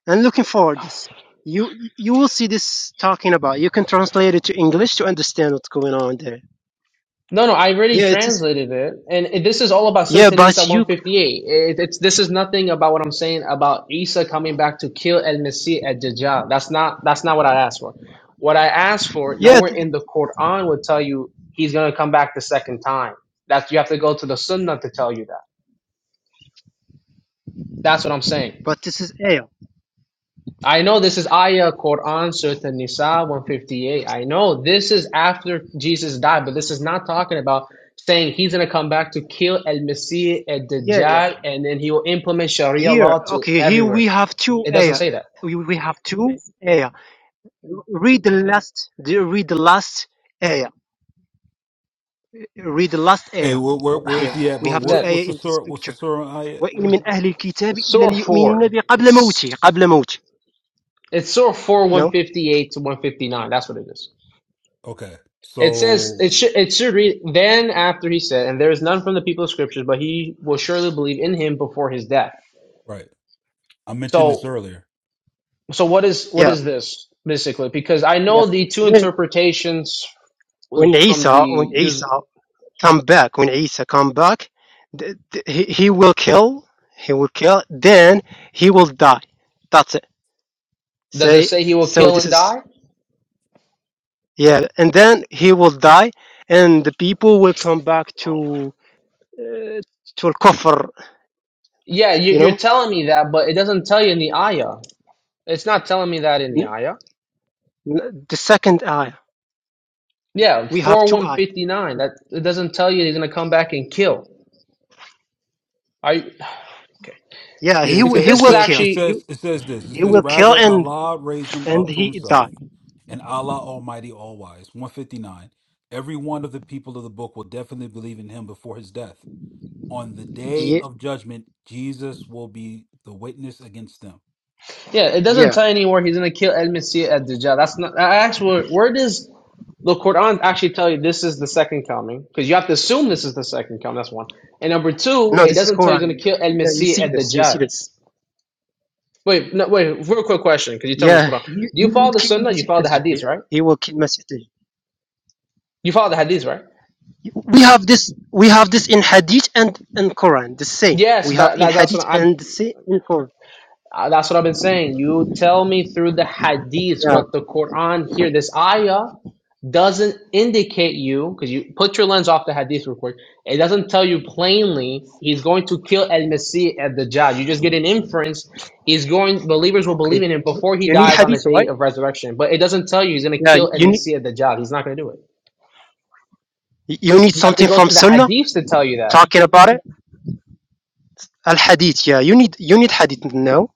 Speaker 5: and looking for this. You you will see this talking about. You can translate it to English to understand what's going on there.
Speaker 2: No, no, I already
Speaker 5: Yeah, it is.
Speaker 2: translated it, and it- this is all about
Speaker 5: Yeah,
Speaker 2: Surah Nisa
Speaker 5: but you
Speaker 2: 158. It, it's this is nothing about what I'm saying about Isa coming back to kill El Masih at Dajjal. That's not that's not what I asked for. What I asked for,
Speaker 5: yeah,
Speaker 2: nowhere
Speaker 5: th-
Speaker 2: in the Quran would tell you he's gonna come back the second time. That's you have to go to the Sunnah to tell you that. That's what I'm saying.
Speaker 5: but this is Ayah.
Speaker 2: I know this is Ayah Quran Surah Nisa 158. I know this is after Jesus died, but this is not talking about saying he's going to come back to kill El Masih, El
Speaker 5: Yeah, yeah.
Speaker 2: Dajjal, and then he will implement Sharia
Speaker 5: Here,
Speaker 2: law to
Speaker 5: okay, here we
Speaker 2: everywhere.
Speaker 5: have two
Speaker 2: It doesn't
Speaker 5: Ayah.
Speaker 2: say that.
Speaker 5: We, we have two Ayah. Read the last, the, read the last ayah. Read the last
Speaker 4: hey
Speaker 5: ayah
Speaker 4: where, where where's
Speaker 5: here.
Speaker 4: he at
Speaker 5: We
Speaker 4: bro
Speaker 5: have two
Speaker 4: what's
Speaker 2: Then
Speaker 5: ayah
Speaker 4: what's the
Speaker 5: in this
Speaker 4: sort what's the
Speaker 5: picture.
Speaker 4: sort on Ayat?
Speaker 5: وإن من أهل الكتاب إلا
Speaker 2: Surah
Speaker 5: ليؤمنن
Speaker 2: 4.
Speaker 5: به قبل موته
Speaker 2: It's,
Speaker 5: قبل موته.
Speaker 2: it's Surah 4
Speaker 5: You know?
Speaker 2: 158 to 159. That's what it is.
Speaker 4: okay
Speaker 2: It says it
Speaker 4: so
Speaker 2: should it should read then after he said, and there is none from the people of scriptures, but he will surely believe in him before his death.
Speaker 4: right i mentioned this
Speaker 2: So
Speaker 4: earlier
Speaker 2: So what is what
Speaker 5: Yeah,
Speaker 2: is this basically? Because I
Speaker 5: yeah.
Speaker 2: know the two
Speaker 5: When
Speaker 2: interpretations
Speaker 5: when
Speaker 2: with- from the
Speaker 5: Isa when
Speaker 2: use.
Speaker 5: Isa come back when Isa come back, th- th- he he will kill he will kill then he will die. That's it.
Speaker 2: Does it
Speaker 5: Say
Speaker 2: say he will
Speaker 5: so.
Speaker 2: kill
Speaker 5: This
Speaker 2: and
Speaker 5: is
Speaker 2: die?
Speaker 5: yeah, and then he will die, and the people will come back to. uh, to al-kufr,
Speaker 2: Yeah, you,
Speaker 5: you
Speaker 2: you're
Speaker 5: know.
Speaker 2: telling me that, but it doesn't tell you in the ayah. It's not telling me that in the ayah.
Speaker 5: The second ayah,
Speaker 2: Yeah,
Speaker 5: we have
Speaker 2: four
Speaker 5: two
Speaker 2: one
Speaker 5: ayah.
Speaker 2: fifty nine. That it doesn't tell you he's gonna come back and kill. I
Speaker 5: Yeah,
Speaker 4: Yeah,
Speaker 5: he
Speaker 4: it
Speaker 5: wi-
Speaker 2: because
Speaker 4: says,
Speaker 5: he
Speaker 4: it
Speaker 2: this is
Speaker 5: will
Speaker 4: says,
Speaker 5: kill.
Speaker 4: it
Speaker 2: actually
Speaker 5: He
Speaker 4: says, it says this. It
Speaker 5: he
Speaker 4: says,
Speaker 5: will kill
Speaker 4: rather
Speaker 5: and
Speaker 4: Allah raised them
Speaker 5: and
Speaker 4: up to
Speaker 5: he
Speaker 4: Himself,
Speaker 5: die.
Speaker 4: and Allah Almighty, All Wise. One fifty nine. Every one of the people of the book will definitely believe in Him before His death. On the day
Speaker 5: Yeah,
Speaker 4: of judgment, Jesus will be the witness against them.
Speaker 2: yeah. It doesn't
Speaker 5: yeah.
Speaker 2: tell you anywhere he's gonna kill El Messiah at Dajjal. That's not. I asked where where does the Quran actually tell you this is the second coming because you have to assume this is the second coming. That's one. And number two,
Speaker 5: No,
Speaker 2: it
Speaker 5: this is
Speaker 2: doesn't tell you going to
Speaker 5: Quran.
Speaker 2: kill El
Speaker 5: Yeah, you
Speaker 2: Masih
Speaker 5: see
Speaker 2: at
Speaker 5: this. You see
Speaker 2: Dajjal.
Speaker 5: this.
Speaker 2: Wait, no, wait. Real quick question, because you tell me it's
Speaker 5: Yeah,
Speaker 2: Quran.
Speaker 5: he,
Speaker 2: Do you
Speaker 5: he will
Speaker 2: follow the
Speaker 5: kill
Speaker 2: Sunnah? You
Speaker 5: Masih
Speaker 2: follow the
Speaker 5: Dajjal.
Speaker 2: Hadith,
Speaker 5: Yeah,
Speaker 2: right?
Speaker 5: he will kill Masih Dajjal.
Speaker 2: You follow the Hadith, right?
Speaker 5: We have this. We have this in Hadith and and Quran. The same.
Speaker 2: Yes,
Speaker 5: We have
Speaker 2: but
Speaker 5: in
Speaker 2: that, that's
Speaker 5: Hadith
Speaker 2: what I'm
Speaker 5: and the same in Quran.
Speaker 2: Uh, that's what I've been saying. You tell me through the hadith,
Speaker 5: Yeah.
Speaker 2: but the Quran here, this ayah doesn't indicate you, because you put your lens off the hadith real quick. It doesn't tell you plainly he's going to kill Al Masih at the Dajjal. You just get an inference. He's going, believers will believe
Speaker 5: Okay.
Speaker 2: in him before he
Speaker 5: You need
Speaker 2: dies on the
Speaker 5: Hadith,
Speaker 2: day
Speaker 5: right?
Speaker 2: of resurrection, but it doesn't tell you he's going to
Speaker 5: Yeah.
Speaker 2: kill Al
Speaker 5: you need
Speaker 2: Masih at the Dajjal. He's not going to do it.
Speaker 5: you need
Speaker 2: You have to
Speaker 5: something
Speaker 2: go
Speaker 5: from
Speaker 2: to the
Speaker 5: Sunnah
Speaker 2: hadiths to tell you that.
Speaker 5: talking about it. Al Hadith, yeah. You need you need Hadith now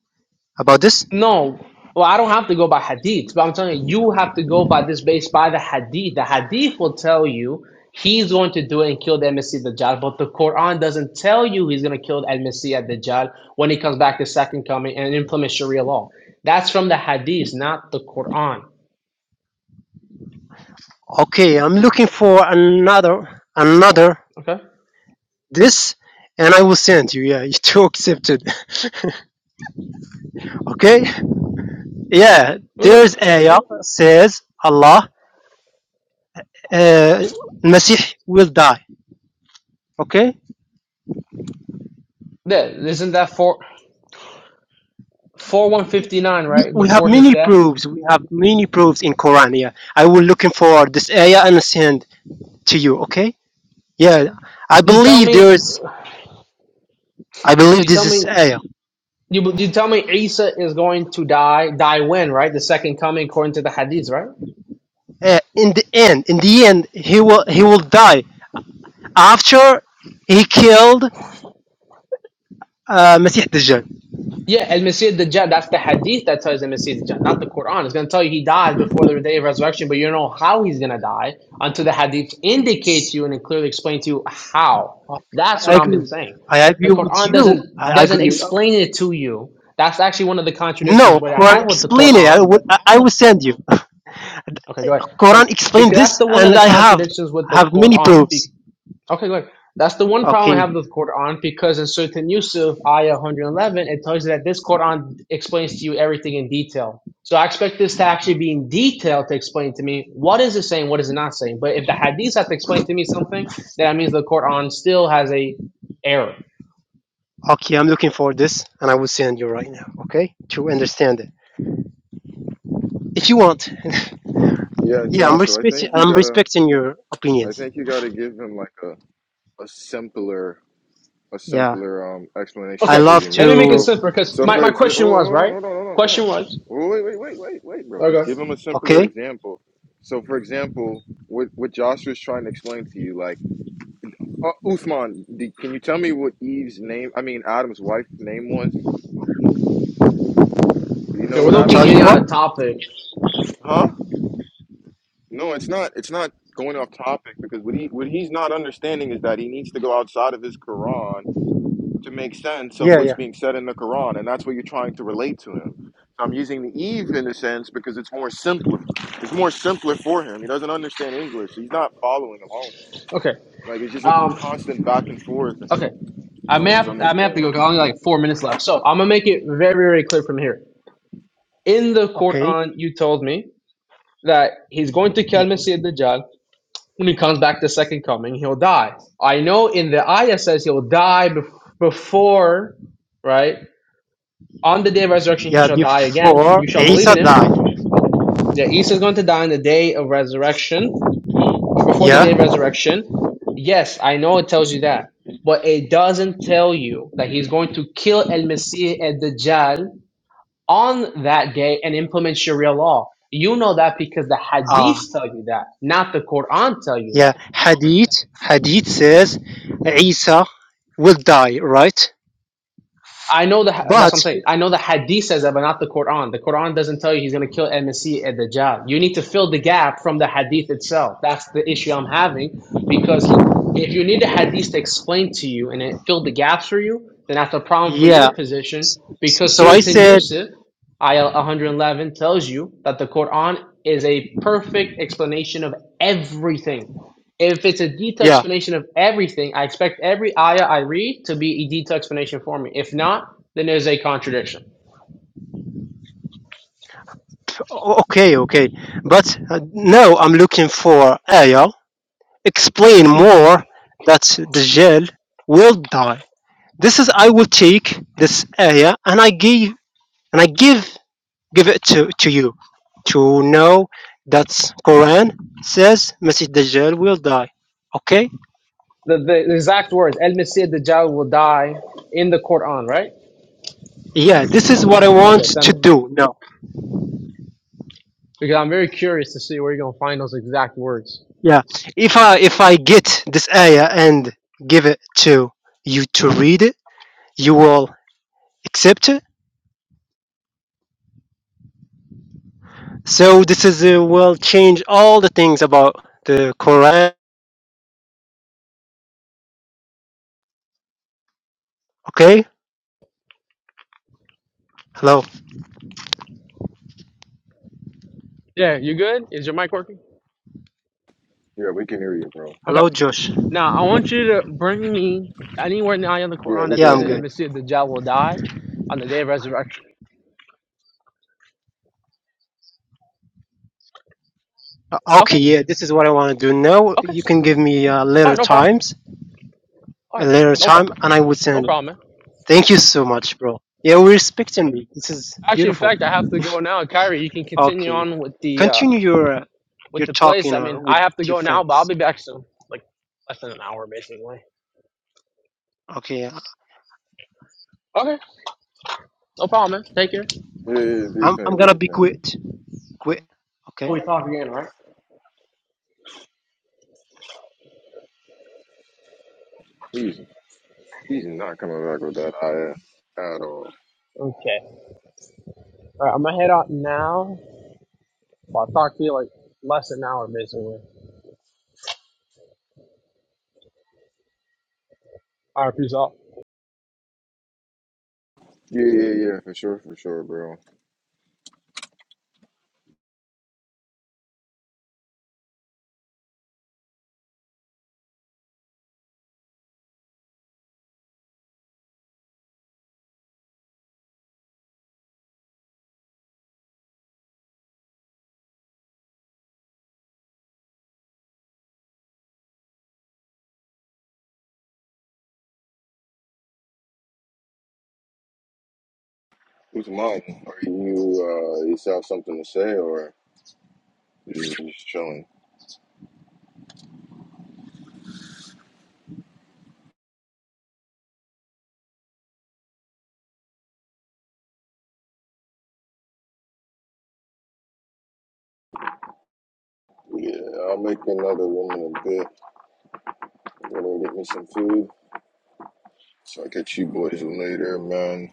Speaker 5: about this.
Speaker 2: No, well, I don't have to go by hadith, but I'm telling you, you have to go by this based by the hadith. The hadith will tell you he's going to do it and kill the MSC Dajjal, but the Quran doesn't tell you he's going to kill the MSC at Dajjal when he comes back the second coming and implement Sharia law. That's from the hadith, not the Quran.
Speaker 5: Okay, I'm looking for another another
Speaker 2: Okay,
Speaker 5: this, and I will send you. Yeah, you two accepted. Okay. Yeah,
Speaker 2: we go
Speaker 5: there's ayah says Allah, uh, Masih will die. Okay.
Speaker 2: there. Isn't that four four one fifty nine
Speaker 5: We,
Speaker 2: right
Speaker 5: we have
Speaker 2: before his
Speaker 5: many
Speaker 2: death?
Speaker 5: proofs. We have many proofs in Quran. Yeah, I will looking for this ayah and send to you. Okay. Yeah, I
Speaker 2: You tell
Speaker 5: believe there
Speaker 2: me.
Speaker 5: is. I believe
Speaker 2: You
Speaker 5: this
Speaker 2: tell
Speaker 5: is
Speaker 2: me.
Speaker 5: ayah.
Speaker 2: You you tell me Isa is going to die. Die when? Right, the second coming, according to the Hadith, right?
Speaker 5: uh, in the end, in the end, he will he will die after he killed uh, Masih Dajjal.
Speaker 2: Yeah, and Messiah Dajjal. That's the Hadith that tells the Messiah Dajjal, not the Quran. It's going to tell you he dies before the day of resurrection, but you don't know how he's going to die until the Hadith indicates to you and it clearly explains to you how.
Speaker 5: Okay,
Speaker 2: That's
Speaker 5: I
Speaker 2: what I've been
Speaker 5: agree.
Speaker 2: saying.
Speaker 5: I
Speaker 2: The
Speaker 5: agree with
Speaker 2: Quran
Speaker 5: you.
Speaker 2: doesn't
Speaker 5: I
Speaker 2: doesn't
Speaker 5: agree.
Speaker 2: explain it to you. That's actually one of the contradictions
Speaker 5: No,
Speaker 2: what I
Speaker 5: Quran
Speaker 2: had with the
Speaker 5: explain it. I
Speaker 2: Quran.
Speaker 5: will I I will send you.
Speaker 2: Okay, go ahead.
Speaker 5: Quran explain
Speaker 2: Because that's
Speaker 5: this,
Speaker 2: the one of
Speaker 5: and
Speaker 2: the
Speaker 5: I have
Speaker 2: contradictions with the
Speaker 5: have many
Speaker 2: Quran.
Speaker 5: proofs.
Speaker 2: Okay, good. That's the one problem I
Speaker 5: Okay,
Speaker 2: have with Quran because in certain Yusuf, ayah 111, it tells you that this Quran explains to you everything in detail. So I expect this to actually be in detail to explain to me what is it saying, what is it not saying. But if the Hadith has to explain to me something, then that means the Quran still has a error.
Speaker 5: okay, I'm looking for this, and I will send you right now. Okay, to understand it, if you want.
Speaker 1: Yeah,
Speaker 5: yeah, I'm
Speaker 1: Joshua. I
Speaker 5: respecting.
Speaker 1: think you
Speaker 5: I'm
Speaker 1: gotta.
Speaker 5: respecting your
Speaker 1: I
Speaker 5: opinions.
Speaker 1: think you gotta give him like a a simpler a
Speaker 5: Yeah,
Speaker 1: simpler um, explanation
Speaker 5: I
Speaker 1: of
Speaker 2: Okay,
Speaker 1: what
Speaker 5: love
Speaker 1: you're
Speaker 2: let me
Speaker 1: meaning.
Speaker 2: make it
Speaker 5: to.
Speaker 1: So,
Speaker 2: simpler because
Speaker 1: so
Speaker 5: to
Speaker 2: my,
Speaker 1: for
Speaker 2: my
Speaker 1: example,
Speaker 2: question
Speaker 1: oh,
Speaker 2: was,
Speaker 1: hold on,
Speaker 2: right?
Speaker 1: hold on, hold on, hold on.
Speaker 2: Question was,
Speaker 1: Oh, wait, wait, wait, wait, wait, bro. Just
Speaker 2: okay.
Speaker 1: give him a simpler
Speaker 5: okay,
Speaker 1: example. So, for example, what what Joshua's trying to explain to you, like, uh, Uthman, d can you tell me what Eve's name? I mean, Adam's wife name was. Do you know
Speaker 2: So we're
Speaker 1: what
Speaker 2: low-key
Speaker 1: Adam's
Speaker 5: tell you
Speaker 2: getting out
Speaker 1: wife?
Speaker 5: what.
Speaker 2: of topic.
Speaker 1: Huh? No, it's not. It's not going off topic because what he what he's not understanding is that he needs to go outside of his Quran to make sense of
Speaker 5: Yeah,
Speaker 1: what's
Speaker 5: yeah.
Speaker 1: being said in the Quran, and that's what you're trying to relate to him. So I'm using the Eve in a sense because it's more simpler. It's more simpler for him. He doesn't understand English, so he's not following along. Well.
Speaker 2: Okay.
Speaker 1: Like it's just a
Speaker 2: Um,
Speaker 1: constant back and forth, and
Speaker 2: Okay. I
Speaker 1: no
Speaker 2: may have
Speaker 1: one's
Speaker 2: I may have to go
Speaker 1: understanding.
Speaker 2: 'cause I only like four minutes left. So I'm gonna make it very very clear from here. In the
Speaker 5: Okay.
Speaker 2: Quran, you told me that he's going to kill
Speaker 5: In,
Speaker 2: Masih Dajjal. When he comes back the second coming, he'll die. I know in the ayah says he'll die bef- before, right? On the day of resurrection, he
Speaker 5: yeah,
Speaker 2: shall die again.
Speaker 5: before
Speaker 2: You shall believe
Speaker 5: Isa
Speaker 2: in him.
Speaker 5: died.
Speaker 2: That Isa is going to die on the day of resurrection, or before the
Speaker 5: Yeah.
Speaker 2: day of resurrection. Yes, I know it tells you that, but it doesn't tell you that he's going to kill El masih and Dajjal on that day and implement Sharia law. You know that because the Hadith
Speaker 5: Ah.
Speaker 2: tell you that, not the Quran tell you that.
Speaker 5: yeah. Hadith. Hadith says Isa will die, right?
Speaker 2: I know the. that's what I'm
Speaker 5: But
Speaker 2: saying. I know the hadith says that, but not the Quran. The Quran doesn't tell you he's going to kill Al-Masih at the job. You need to fill the gap from the hadith itself. That's the issue I'm having because if you need the hadith to explain to you and it filled the gaps for you, then that's a problem for your
Speaker 5: yeah.
Speaker 2: position
Speaker 5: s- s-
Speaker 2: because
Speaker 5: So
Speaker 2: Surah
Speaker 5: I said,
Speaker 2: An-Yusuf, ayah 111, tells you that the Quran is a perfect explanation of everything if it's a detailed
Speaker 5: yeah.
Speaker 2: explanation of everything, I expect every ayah I read to be a detailed explanation for me. If not, then there's a contradiction.
Speaker 5: o- Okay, okay. But uh, now I'm looking for ayah. Explain more that Dajjal will die. This is I will take this ayah and I give and I give give it to, to you to know that Quran says Masih Dajjal will die. Okay?
Speaker 2: The, the exact words, El Masih Dajjal will die in the Quran, right?
Speaker 5: Yeah, this is what I
Speaker 2: Okay,
Speaker 5: want to
Speaker 2: send it.
Speaker 5: do now.
Speaker 2: Because I'm very curious to see where you're going to find those exact words.
Speaker 5: Yeah. If I if I get this ayah and give it to you to read it, you will accept it. So this is uh, will change all the things about the Quran. Okay? Hello.
Speaker 2: Yeah, you good? Is your mic working?
Speaker 1: Yeah, we can hear you, bro.
Speaker 2: Okay.
Speaker 5: Hello Josh.
Speaker 2: Now, I want you to bring me anywhere in the ayah of the
Speaker 1: Yeah,
Speaker 2: Quran
Speaker 1: we
Speaker 2: that
Speaker 1: can
Speaker 5: Yeah,
Speaker 2: tells
Speaker 1: hear
Speaker 5: I'm
Speaker 2: you El
Speaker 5: good.
Speaker 1: you.
Speaker 2: Masih Dajjal will die on the day of resurrection.
Speaker 5: Uh, Okay,
Speaker 2: Okay,
Speaker 5: yeah, this is what I want to do now.
Speaker 2: okay.
Speaker 5: You can give me a uh,
Speaker 2: All right,
Speaker 5: little
Speaker 2: no problem.
Speaker 5: times
Speaker 2: All
Speaker 5: a
Speaker 2: right,
Speaker 5: later
Speaker 2: no
Speaker 5: time
Speaker 2: problem.
Speaker 5: and I would
Speaker 2: No
Speaker 5: send it.
Speaker 2: problem, man.
Speaker 5: Thank you so much, bro. Yeah, we're respecting me. This is
Speaker 2: Actually, in
Speaker 5: beautiful.
Speaker 2: fact, I have to go now. Kyrie, you can continue
Speaker 5: Okay, yeah.
Speaker 2: on with the uh
Speaker 5: continue your uh,
Speaker 2: with
Speaker 5: your
Speaker 2: the
Speaker 5: talk, you
Speaker 2: place. I
Speaker 5: know,
Speaker 2: mean,
Speaker 5: with
Speaker 2: I have to
Speaker 5: your
Speaker 2: go now, but I'll
Speaker 5: friends.
Speaker 2: be back soon. Like less than an hour, basically.
Speaker 5: Okay, yeah.
Speaker 2: Okay, no problem, man. Take care.
Speaker 1: Yeah, yeah, yeah, do your
Speaker 5: I'm I'm
Speaker 1: thing, do
Speaker 5: gonna
Speaker 1: your
Speaker 5: be
Speaker 1: thing.
Speaker 5: quit. Quit. Okay.
Speaker 2: We talk again, all right?
Speaker 1: He's he's not coming back with that idea at all. Yeah, yeah, yeah, for sure, for sure, bro. Who's mine? Are you uh, you still have something to say, or you just chilling? Yeah, I'll make another one in a bit. I'm gonna get me some food. So I catch you boys later, man.